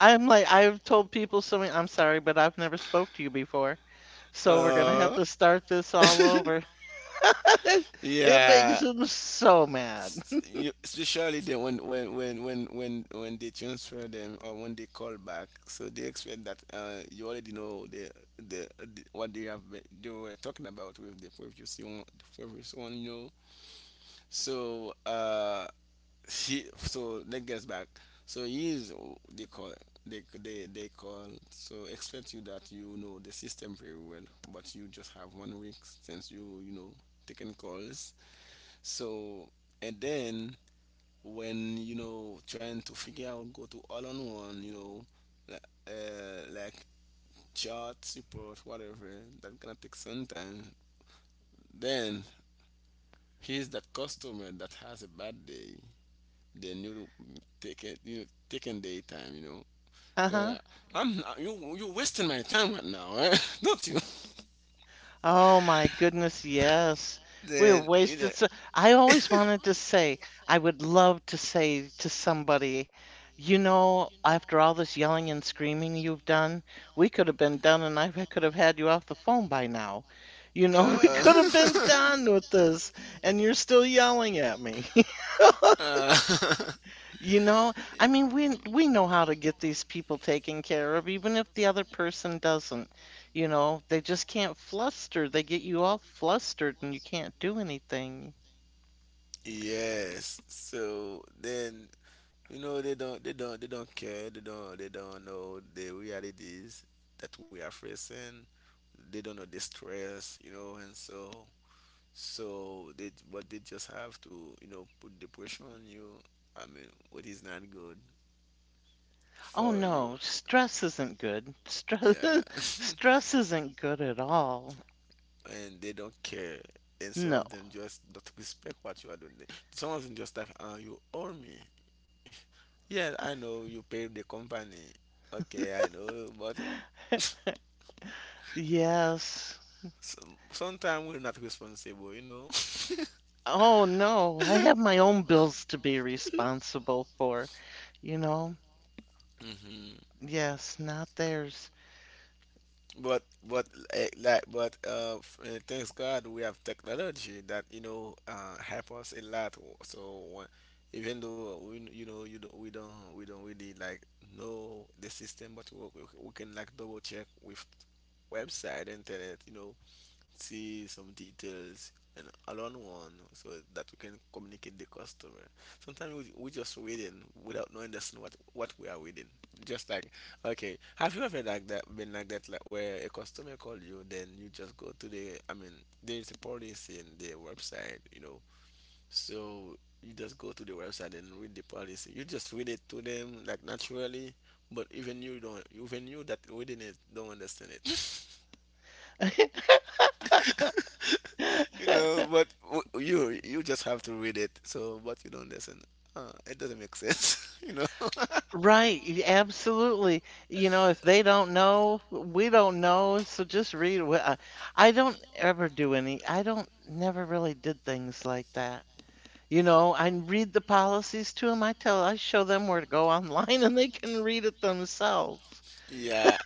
[SPEAKER 1] I'm like, I've told people something, I'm sorry, but I've never spoke to you before. So we're gonna have
[SPEAKER 2] uh,
[SPEAKER 1] to start this all over. It makes
[SPEAKER 2] yeah.
[SPEAKER 1] him so mad.
[SPEAKER 2] You, especially then when, they transfer them, or when they call back, so they expect that, you already know the what they have been, they were talking about with the previous one, you know. So, she so that gets back, so he is they call, they call so expect you that you know the system very well, but you just have one week since you know, taking calls. So, and then when, you know, trying to figure out, go to all on one, you know, li- like chart support, whatever, that gonna take some time. Then he's that customer that has a bad day. Then you take it, you taking daytime, you know.
[SPEAKER 1] Uh-huh.
[SPEAKER 2] Yeah, I'm not, you wasting my time right now, eh? don't you?
[SPEAKER 1] Oh my goodness, yes. We
[SPEAKER 2] Then, you know.
[SPEAKER 1] wasted so I always wanted to say, I would love to say to somebody, you know, after all this yelling and screaming you've done, we could have been done and I could have had you off the phone by now. You know, we could have been
[SPEAKER 2] Uh,
[SPEAKER 1] done with this and you're still yelling at me.
[SPEAKER 2] uh,
[SPEAKER 1] You know, I mean, we know how to get these people taken care of, even if the other person doesn't. You know, they just can't fluster. They get you all flustered and you can't do anything.
[SPEAKER 2] yes. So then, you know they don't, they don't care. They don't, they don't know the realities that we are facing. They don't know the stress, you know, and so, so they, but they just have to, you know, put the pressure on you. I mean, what is not good
[SPEAKER 1] Oh
[SPEAKER 2] for you.
[SPEAKER 1] no, stress isn't good. Stress
[SPEAKER 2] Yeah.
[SPEAKER 1] stress isn't good at all.
[SPEAKER 2] and they don't care. And some
[SPEAKER 1] No.
[SPEAKER 2] of them just don't respect what you are doing. Some of them just like, you owe me. Yeah, I know you pay the company. Okay, I know, but
[SPEAKER 1] Yes.
[SPEAKER 2] some, sometimes we're not responsible, you know.
[SPEAKER 1] Oh no, I have my own bills to be responsible for, you know.
[SPEAKER 2] hmm.
[SPEAKER 1] Yes, not theirs.
[SPEAKER 2] But but, like, but thanks God we have technology that, you know, help us a lot. So even though we you know, you don't we don't, we don't really like know the system, but we can like double check with website internet, you know, see some details and all on one so that we can communicate the customer. Sometimes we just waiting without knowing this what we are waiting. Just like, okay, have you ever like that, been like that, like where a customer call you, then you just go to the, I mean, there's a policy in the website, you know. So you just go to the website and read the policy, you just read it to them like naturally, but even you don't, even you that reading it don't understand it, you know. But you you just have to read it. So, but you don't listen. It doesn't make sense, you know.
[SPEAKER 1] Right, absolutely. You know, if they don't know, we don't know, so just read. I don't ever do any, I don't, never really did things like that. You know, I read the policies to them. I tell, I show them where to go online and they can read it themselves.
[SPEAKER 2] yeah.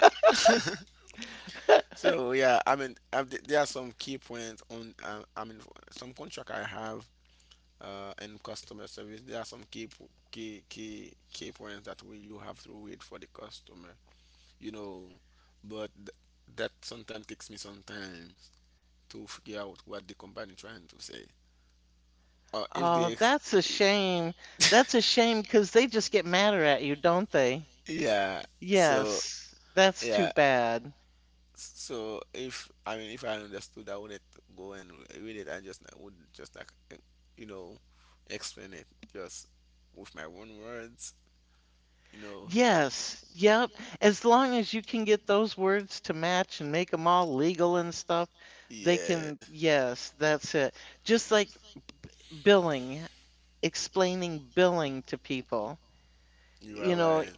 [SPEAKER 2] So yeah, I mean, I there are some key points on. I mean, some contract I have in customer service, there are some key po- key key key points that we you have to read for the customer, you know. But that sometimes takes me sometimes to figure out what the company trying to say. Or if
[SPEAKER 1] Oh,
[SPEAKER 2] they
[SPEAKER 1] that's a shame. That's a shame because they just get madder at you, don't they?
[SPEAKER 2] yeah. So
[SPEAKER 1] Yes, that's too
[SPEAKER 2] yeah.
[SPEAKER 1] bad.
[SPEAKER 2] So if, I mean, if I understood, I wouldn't go and read it. I just, I would just like, you know explain it, just with my own words. You know.
[SPEAKER 1] Yes, yep. As long as you can get those words to match and make them all legal and stuff, they can,
[SPEAKER 2] Yeah.
[SPEAKER 1] yes, that's it. Just like billing, explaining billing to people,
[SPEAKER 2] You are
[SPEAKER 1] you know,
[SPEAKER 2] right.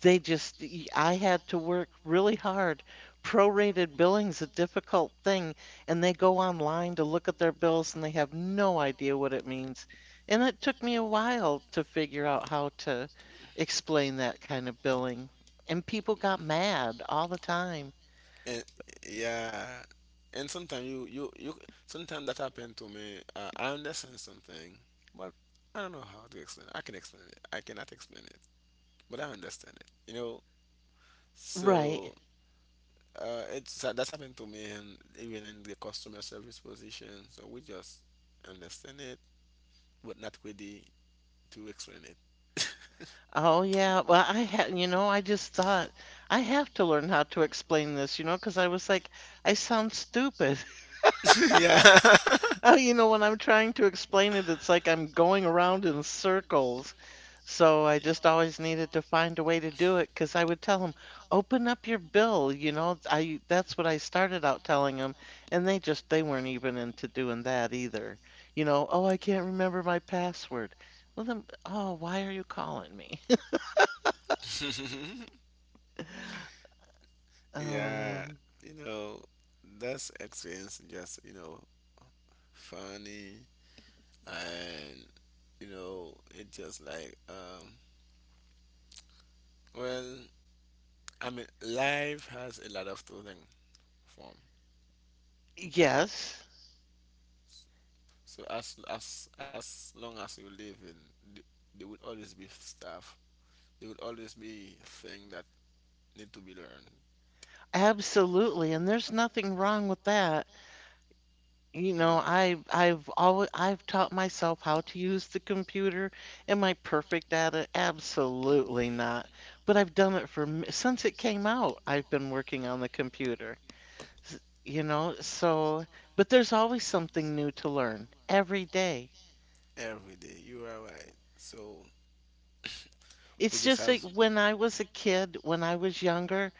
[SPEAKER 1] I had to work really hard. Prorated billing's a difficult thing, and they go online to look at their bills and they have no idea what it means. And it took me a while to figure out how to explain that kind of billing. And people got mad all the time.
[SPEAKER 2] And yeah, and sometimes you, you sometimes that happened to me, I understand something, but I don't know how to explain it. I cannot explain it, but I understand it, you know.
[SPEAKER 1] Right.
[SPEAKER 2] So, it's, that's happened to me, and even in the customer service position. So we just understand it, but not ready to explain it.
[SPEAKER 1] Oh yeah. Well, I had, I just thought I have to learn how to explain this, you know, because I was like, I sound stupid.
[SPEAKER 2] yeah.
[SPEAKER 1] Oh, you know, when I'm trying to explain it, it's like I'm going around in circles. So I just always needed to find a way to do it because I would tell them, open up your bill, I that's what I started out telling them, and they just they weren't even into doing that either. You know, oh, I can't remember my password. Well, then, oh, why are you calling me?
[SPEAKER 2] yeah.
[SPEAKER 1] Oh,
[SPEAKER 2] You know, that's experience, just, you know, funny. And, you know, it just like, well I mean, life has a lot of clothing forms.
[SPEAKER 1] yes,
[SPEAKER 2] So as, long as you live in, there will always be stuff. There will always be things that need to be learned.
[SPEAKER 1] absolutely, and there's nothing wrong with that. You know,
[SPEAKER 2] No,
[SPEAKER 1] I I've always I've taught myself how to use the computer. Am I perfect at it? Absolutely not. But I've done it for since it came out. I've been working on the computer. S- You know, so but there's always something new to learn every day.
[SPEAKER 2] every day, you are right. So we
[SPEAKER 1] It's
[SPEAKER 2] just
[SPEAKER 1] just
[SPEAKER 2] have.
[SPEAKER 1] like when I was a kid, when I was younger,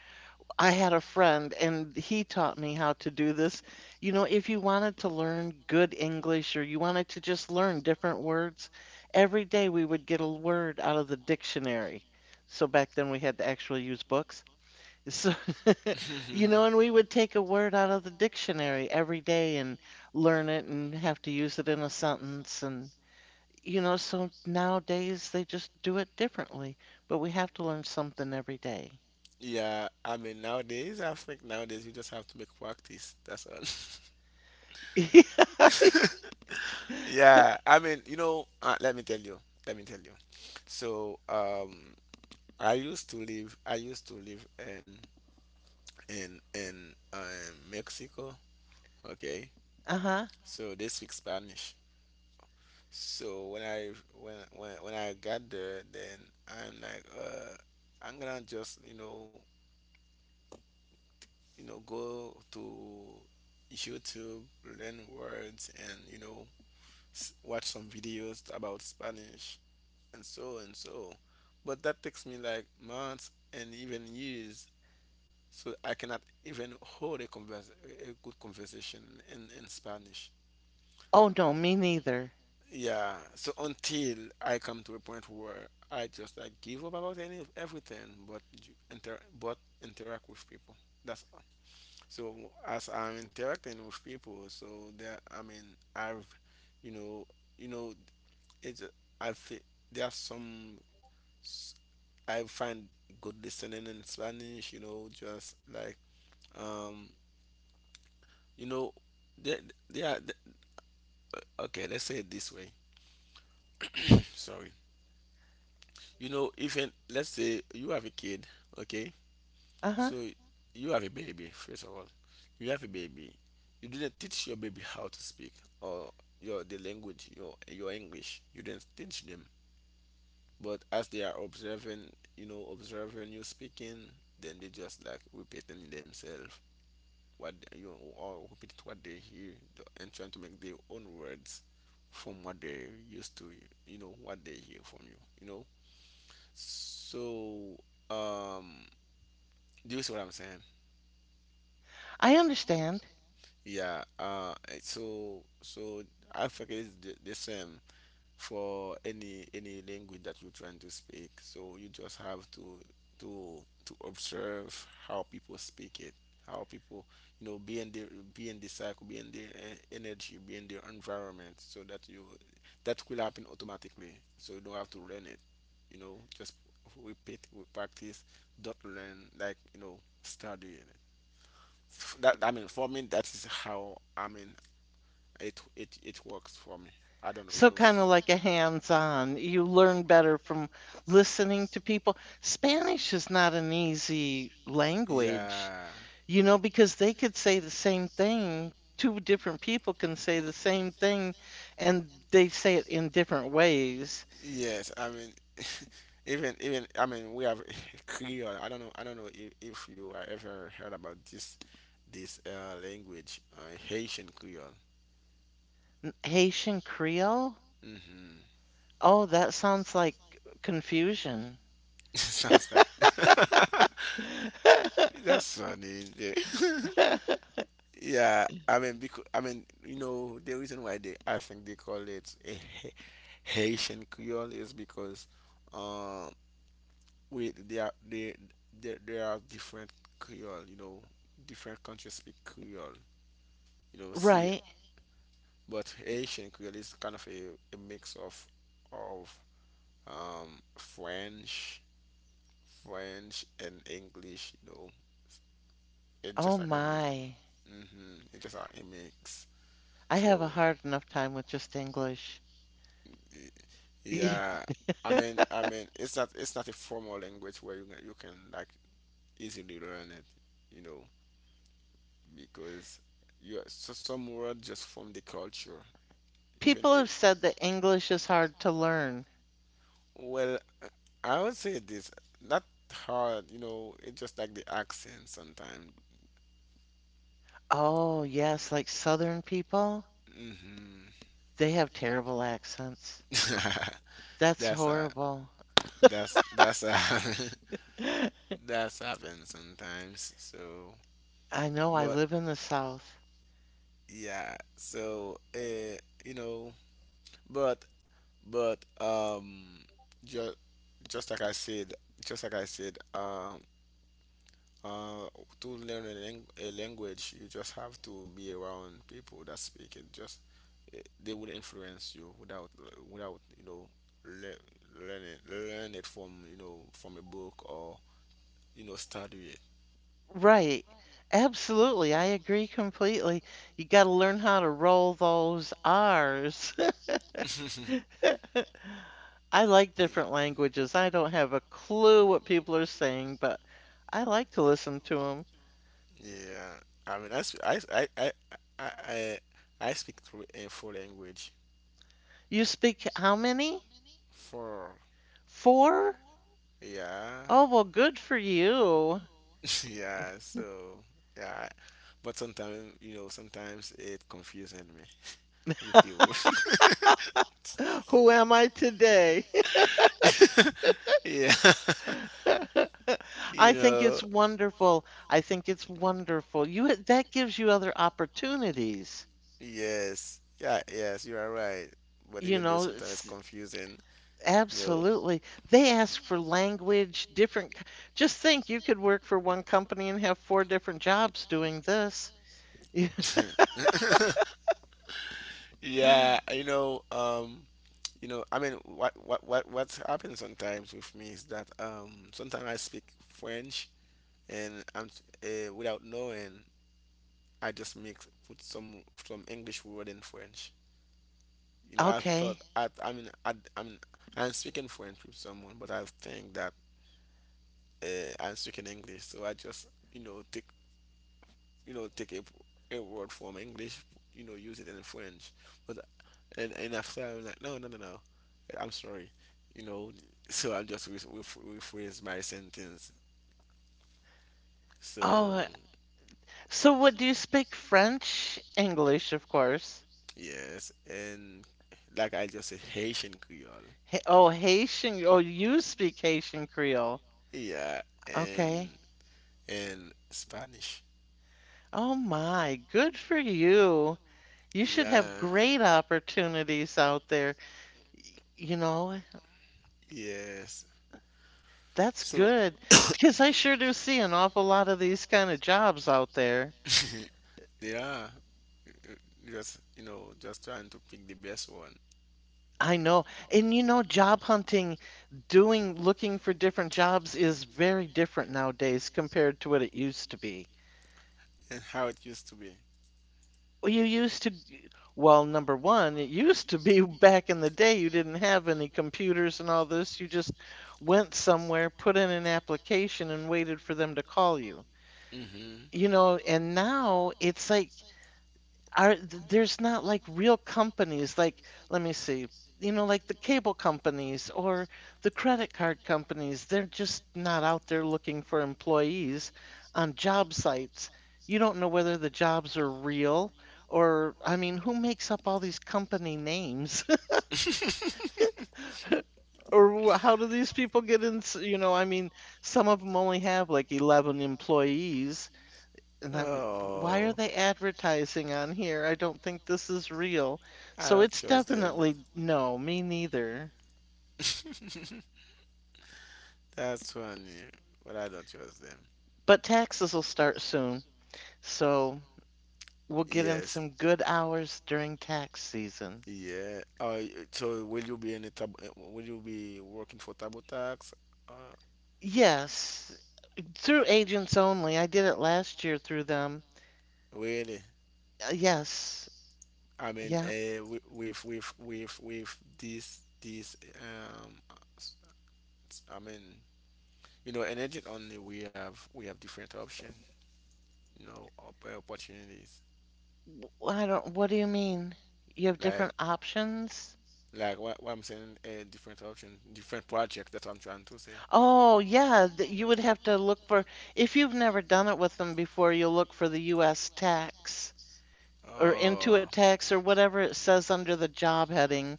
[SPEAKER 1] I had a friend and he taught me how to do this. You know, if you wanted to learn good English or you wanted to just learn different words, every day we would get a word out of the dictionary. So back then we had to actually use books. So, you know, and we would take a word out of the dictionary every day and learn it and have to use it in a sentence. And, you know, so nowadays they just do it differently, but we have to learn something every day.
[SPEAKER 2] yeah, I mean, nowadays, I think nowadays, you just have to make practice. That's all. Yeah, I mean, you know, let me tell you, let me tell you. So, I used to live in, Mexico. Okay,
[SPEAKER 1] Uh-huh.
[SPEAKER 2] so they speak Spanish. So when I, when I got there, then I'm like, I'm gonna just, you know, go to YouTube, learn words, and, you know, watch some videos about Spanish. And so and so. But that takes me like months and even years. So I cannot even hold a convers a good conversation in Spanish.
[SPEAKER 1] Oh, no, me neither.
[SPEAKER 2] Yeah. So until I come to a point where I just like give up about any everything, but interact with people. That's all. So as I'm interacting with people, so there, I mean, I've, you know, you know, it's I've fe- there are some, I find good listening in Spanish, you know, just like, um, you know, they, they are th- okay. Let's say it this way. Sorry, you know, even let's say you have a kid, okay,
[SPEAKER 1] Uh-huh.
[SPEAKER 2] so you have a baby. First of all, you have a baby. You didn't teach your baby how to speak or your the language, your English. You didn't teach them, but as they are observing, you know, observing you speaking, then they just like repeating themselves what they- you or repeat what they hear, and trying to make their own words from what they used to, you know, what they hear from you, you know. So, um do you see what I'm saying?
[SPEAKER 1] I understand.
[SPEAKER 2] Yeah. So so, I think it's the same for any language that you're trying to speak. So you just have to, observe how people speak it, how people, you know, be in their, be in the cycle, be in their energy, be in their environment, so that you that will happen automatically. So you don't have to learn it. You know, just repeat, with practice. Don't learn, like, you know, start doing it. That, I mean, for me, that is how, I mean, it works for me. I don't know, you
[SPEAKER 1] So
[SPEAKER 2] know.
[SPEAKER 1] kind of like a hands-on. You learn better from listening to people. Spanish is not an easy language,
[SPEAKER 2] Yeah.
[SPEAKER 1] you know, because they could say the same thing. Two different people can say the same thing and they say it in different ways.
[SPEAKER 2] Yes. I mean, even, even, I mean, we have Creole. I don't know. I don't know if you have ever heard about this, language, Haitian Creole.
[SPEAKER 1] Haitian Creole?
[SPEAKER 2] Hmm.
[SPEAKER 1] Oh, that sounds like confusion.
[SPEAKER 2] Sounds like, that's funny. Yeah. Yeah, I mean, because you know, the reason why they I think they call it a Haitian Creole is because, uh, we they are they there there are different Creole, different countries speak Creole, See,
[SPEAKER 1] Right.
[SPEAKER 2] but Haitian Creole is kind of a mix of of French, French and English, It's just
[SPEAKER 1] Oh
[SPEAKER 2] like a mix.
[SPEAKER 1] my.
[SPEAKER 2] Mm-hmm. It's just like a mix.
[SPEAKER 1] I have
[SPEAKER 2] So
[SPEAKER 1] a hard enough time with just English.
[SPEAKER 2] y- yeah, I mean, it's not a formal language where you can like easily learn it, you know. Because you are, so some word just from the culture. Even
[SPEAKER 1] People
[SPEAKER 2] it,
[SPEAKER 1] have said that English is hard to learn.
[SPEAKER 2] well, uh, I would say this not hard. You know, it's just like the accent sometimes.
[SPEAKER 1] Oh, yes, like Southern people,
[SPEAKER 2] Hmm.
[SPEAKER 1] they have terrible accents. That's
[SPEAKER 2] that's a
[SPEAKER 1] horrible.
[SPEAKER 2] that's a that's happened sometimes. So,
[SPEAKER 1] I know I
[SPEAKER 2] but
[SPEAKER 1] live in the South.
[SPEAKER 2] yeah. So you know, but But um, just just like I said, just like I said, um, uh, to learn a language, you just have to be around people that speak it. Just they will influence you without you know learn it from you know from a book or you know study it.
[SPEAKER 1] Right. Absolutely. I agree completely. You got to learn how to roll those R's. I like
[SPEAKER 2] yeah.
[SPEAKER 1] different languages. I don't have a clue what people are saying, but I like to listen to them.
[SPEAKER 2] Yeah, I mean, I, sp- I, I I speak through a full language.
[SPEAKER 1] You speak how many?
[SPEAKER 2] For,
[SPEAKER 1] Four?
[SPEAKER 2] yeah,
[SPEAKER 1] Oh, well, good for you.
[SPEAKER 2] yeah. So yeah, but sometimes you know, sometimes it confusing me with the rule.
[SPEAKER 1] Who am I today?
[SPEAKER 2] yeah, you
[SPEAKER 1] I think
[SPEAKER 2] know.
[SPEAKER 1] it's wonderful. I think it's wonderful. That gives you other opportunities.
[SPEAKER 2] Yes, yeah, yes. You are right. But
[SPEAKER 1] You
[SPEAKER 2] even though
[SPEAKER 1] know,
[SPEAKER 2] sometimes it's confusing, you know.
[SPEAKER 1] absolutely. They ask for language, different. Just think, you could work for one company and have four different jobs doing this.
[SPEAKER 2] yeah, you know. You know I mean what happens sometimes with me is that sometimes I speak French and I'm without knowing I just make put some English word in French, you know.
[SPEAKER 1] Okay.
[SPEAKER 2] I mean I'm speaking French with someone but I think that I'm speaking English so I just you know take you know take a word from English, you know, use it in French. But and after I was like, no, no, no, no, I'm sorry, you know. So I just rephrase my sentence. So
[SPEAKER 1] Oh, so what do you speak? French? English, of course.
[SPEAKER 2] yes, and like I just said, Haitian Creole.
[SPEAKER 1] Hey, oh, Haitian. Oh, you speak Haitian Creole.
[SPEAKER 2] Yeah,
[SPEAKER 1] Okay.
[SPEAKER 2] and Spanish.
[SPEAKER 1] Oh my, good for you. You should have
[SPEAKER 2] Yeah,
[SPEAKER 1] great opportunities out there. Y- You know,
[SPEAKER 2] yes.
[SPEAKER 1] that's
[SPEAKER 2] So
[SPEAKER 1] good because I sure do see an awful lot of these kind of jobs out there.
[SPEAKER 2] they, yeah, just you know, just trying to pick the best one
[SPEAKER 1] I know. And you know, job hunting, doing, looking for different jobs is very different nowadays compared to what it used to be.
[SPEAKER 2] and how it used to be.
[SPEAKER 1] Well, number one, it used to be back in the day, you didn't have any computers and all this. You just went somewhere, put in an application, and waited for them to call you.
[SPEAKER 2] Hmm.
[SPEAKER 1] You know, and now it's like there's not like real companies like let me see. You know, like the cable companies or the credit card companies, they're just not out there looking for employees on job sites. You don't know whether the jobs are real or, I mean, who makes up all these company names? Or how do these people get in? You know, I mean, some of them only have like 11 employees. And I'm, why are
[SPEAKER 2] Oh,
[SPEAKER 1] they advertising on here? I don't think this is real.
[SPEAKER 2] I
[SPEAKER 1] So
[SPEAKER 2] don't
[SPEAKER 1] it's
[SPEAKER 2] trust them.
[SPEAKER 1] definitely no, me neither.
[SPEAKER 2] That's funny, but I don't trust them.
[SPEAKER 1] But taxes will start soon. So we'll get in
[SPEAKER 2] Yes.
[SPEAKER 1] some good hours during tax season.
[SPEAKER 2] Yeah. So will you be in the tab? Will you be working for Tabotax? Uh,
[SPEAKER 1] Yes, through agents only. I did it last year through them.
[SPEAKER 2] really?
[SPEAKER 1] Yes,
[SPEAKER 2] I mean,
[SPEAKER 1] yeah.
[SPEAKER 2] with this s- I mean, you know, energy only we have different option, you know, opportunities.
[SPEAKER 1] I don't, what do you mean? You have
[SPEAKER 2] like
[SPEAKER 1] different options?
[SPEAKER 2] like what I'm saying, a different option, different project. That's what I'm trying to say.
[SPEAKER 1] Oh, yeah, that you would have to look for, if you've never done it with them before, you'll look for the US tax or
[SPEAKER 2] Oh,
[SPEAKER 1] Intuit tax or whatever it says under the job heading.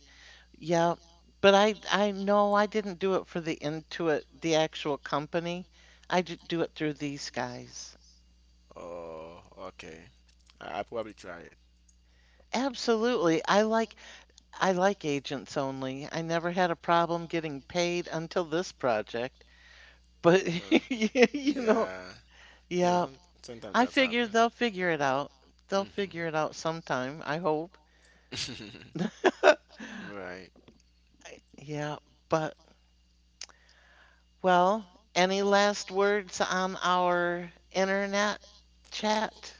[SPEAKER 1] Yeah, but I no, I didn't do it for the Intuit, the actual company. I did do it through these guys.
[SPEAKER 2] oh, okay. I probably try it.
[SPEAKER 1] Absolutely. I like agents only. I never had a problem getting paid until this project. But
[SPEAKER 2] Uh,
[SPEAKER 1] you know,
[SPEAKER 2] yeah, you know,
[SPEAKER 1] yeah.
[SPEAKER 2] sometimes
[SPEAKER 1] I
[SPEAKER 2] that's happen.
[SPEAKER 1] figure they'll figure it out. They'll
[SPEAKER 2] Hmm.
[SPEAKER 1] figure it out sometime, I hope.
[SPEAKER 2] Right.
[SPEAKER 1] Yeah, but well, any last words on our internet chat?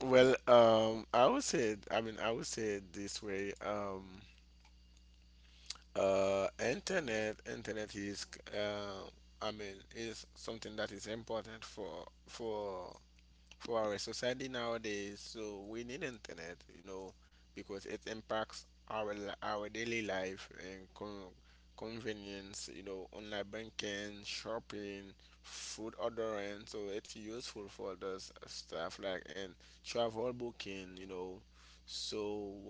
[SPEAKER 2] Well, I would say, I mean, I would say it this way. Internet is, uh, I mean, is something that is important for our society nowadays. So we need internet, you know, because it impacts our daily life and convenience. You know, online banking, shopping, food ordering. So it's useful for those stuff like and travel booking. You know, so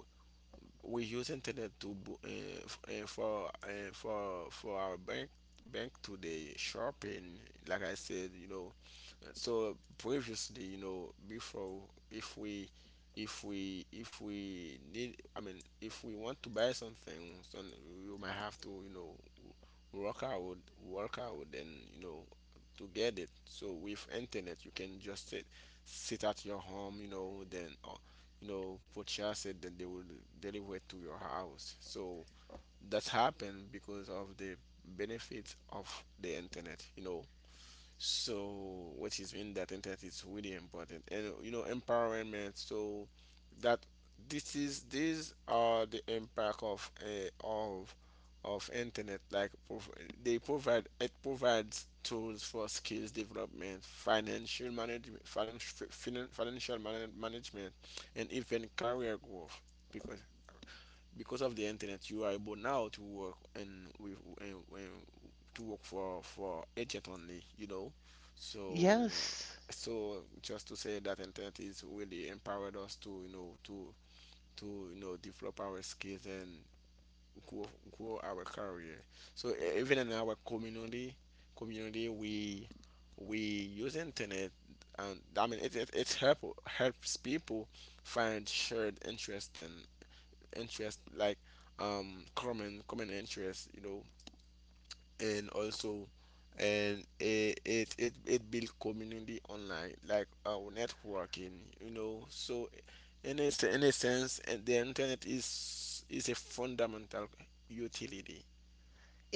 [SPEAKER 2] we use internet to for our bank today shopping. Like I said, you know, so previously, you know, before, if we if we need, I mean if we want to buy something, then you might have to, you know, work out work out, and you know, to get it. So with internet you can just sit at your home, you know, then you know, purchase it, then they will deliver it to your house. So that's happened because of the benefits of the internet, you know. So which is in that internet is really important and you know empowerment, so that this is, these are the impact of of internet like they provide it provides tools for skills development, financial management, financial management and even career growth, because because of the internet you are able now to work, and with and to work for agent only, you know. So uh,
[SPEAKER 1] Yes,
[SPEAKER 2] so just to say that internet is really empowered us to you know develop our skills and grow, grow our career. So even in our community, we use internet, and I mean helps people find shared interest, like common interest, you know. And also, and it builds community online like our networking, you know. So in in a sense, and the internet is a fundamental utility,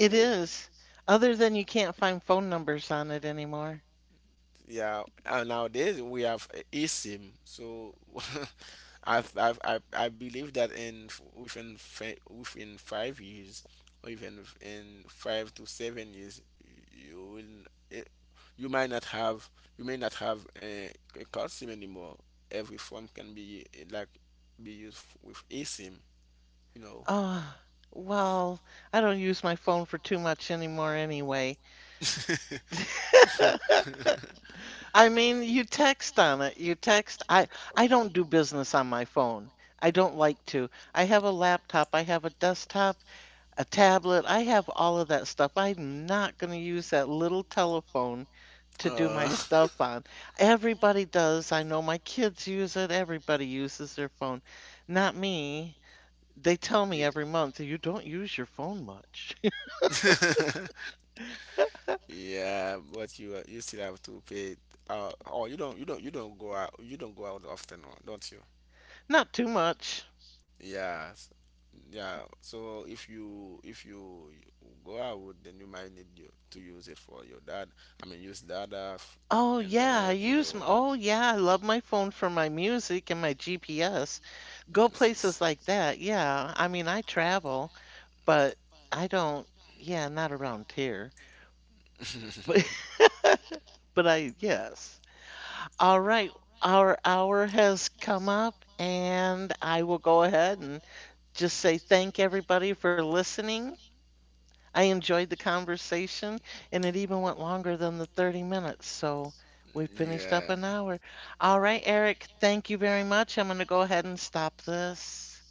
[SPEAKER 2] you know.
[SPEAKER 1] is. Other than you can't find phone numbers on it anymore.
[SPEAKER 2] Yeah, nowadays we have eSIM. So I, believe that in within 5 years, or even in 5 to 7 years, you will eh, you might not have, you may not have a card SIM anymore. Every phone can be like be with eSIM, you know.
[SPEAKER 1] Oh, well, I don't use my phone for too much anymore anyway. I mean, you text on it. You text. I don't do business on my phone. I don't like to. I have a laptop, I have a desktop, a tablet. I have all of that stuff. I'm not going to use that little telephone to do my
[SPEAKER 2] uh,
[SPEAKER 1] stuff on. Everybody does. I know my kids use it. Everybody uses their phone. Not me. They tell me every month, you don't use your phone much.
[SPEAKER 2] yeah. Yeah, but you you still have to pay. Oh, you don't go out, you don't go out often, don't you?
[SPEAKER 1] Not too much.
[SPEAKER 2] Yes, yeah. So if you, go out, then you might need you to use it for your dad. I mean, use data,
[SPEAKER 1] Oh yeah, I
[SPEAKER 2] internet. You
[SPEAKER 1] use
[SPEAKER 2] know,
[SPEAKER 1] m oh yeah, I love my phone for my music and my GPS. Go
[SPEAKER 2] this is-
[SPEAKER 1] places like that. Yeah, I mean, I travel, but I don't yeah, not around here. But but I yes. All right, our hour has come up and I will go ahead and just say thank everybody for listening. I enjoyed the conversation, and it even went longer than the 30 minutes. So we finished up
[SPEAKER 2] yeah.
[SPEAKER 1] an hour. All right, Eric, thank you very much. I'm going to go ahead and stop this.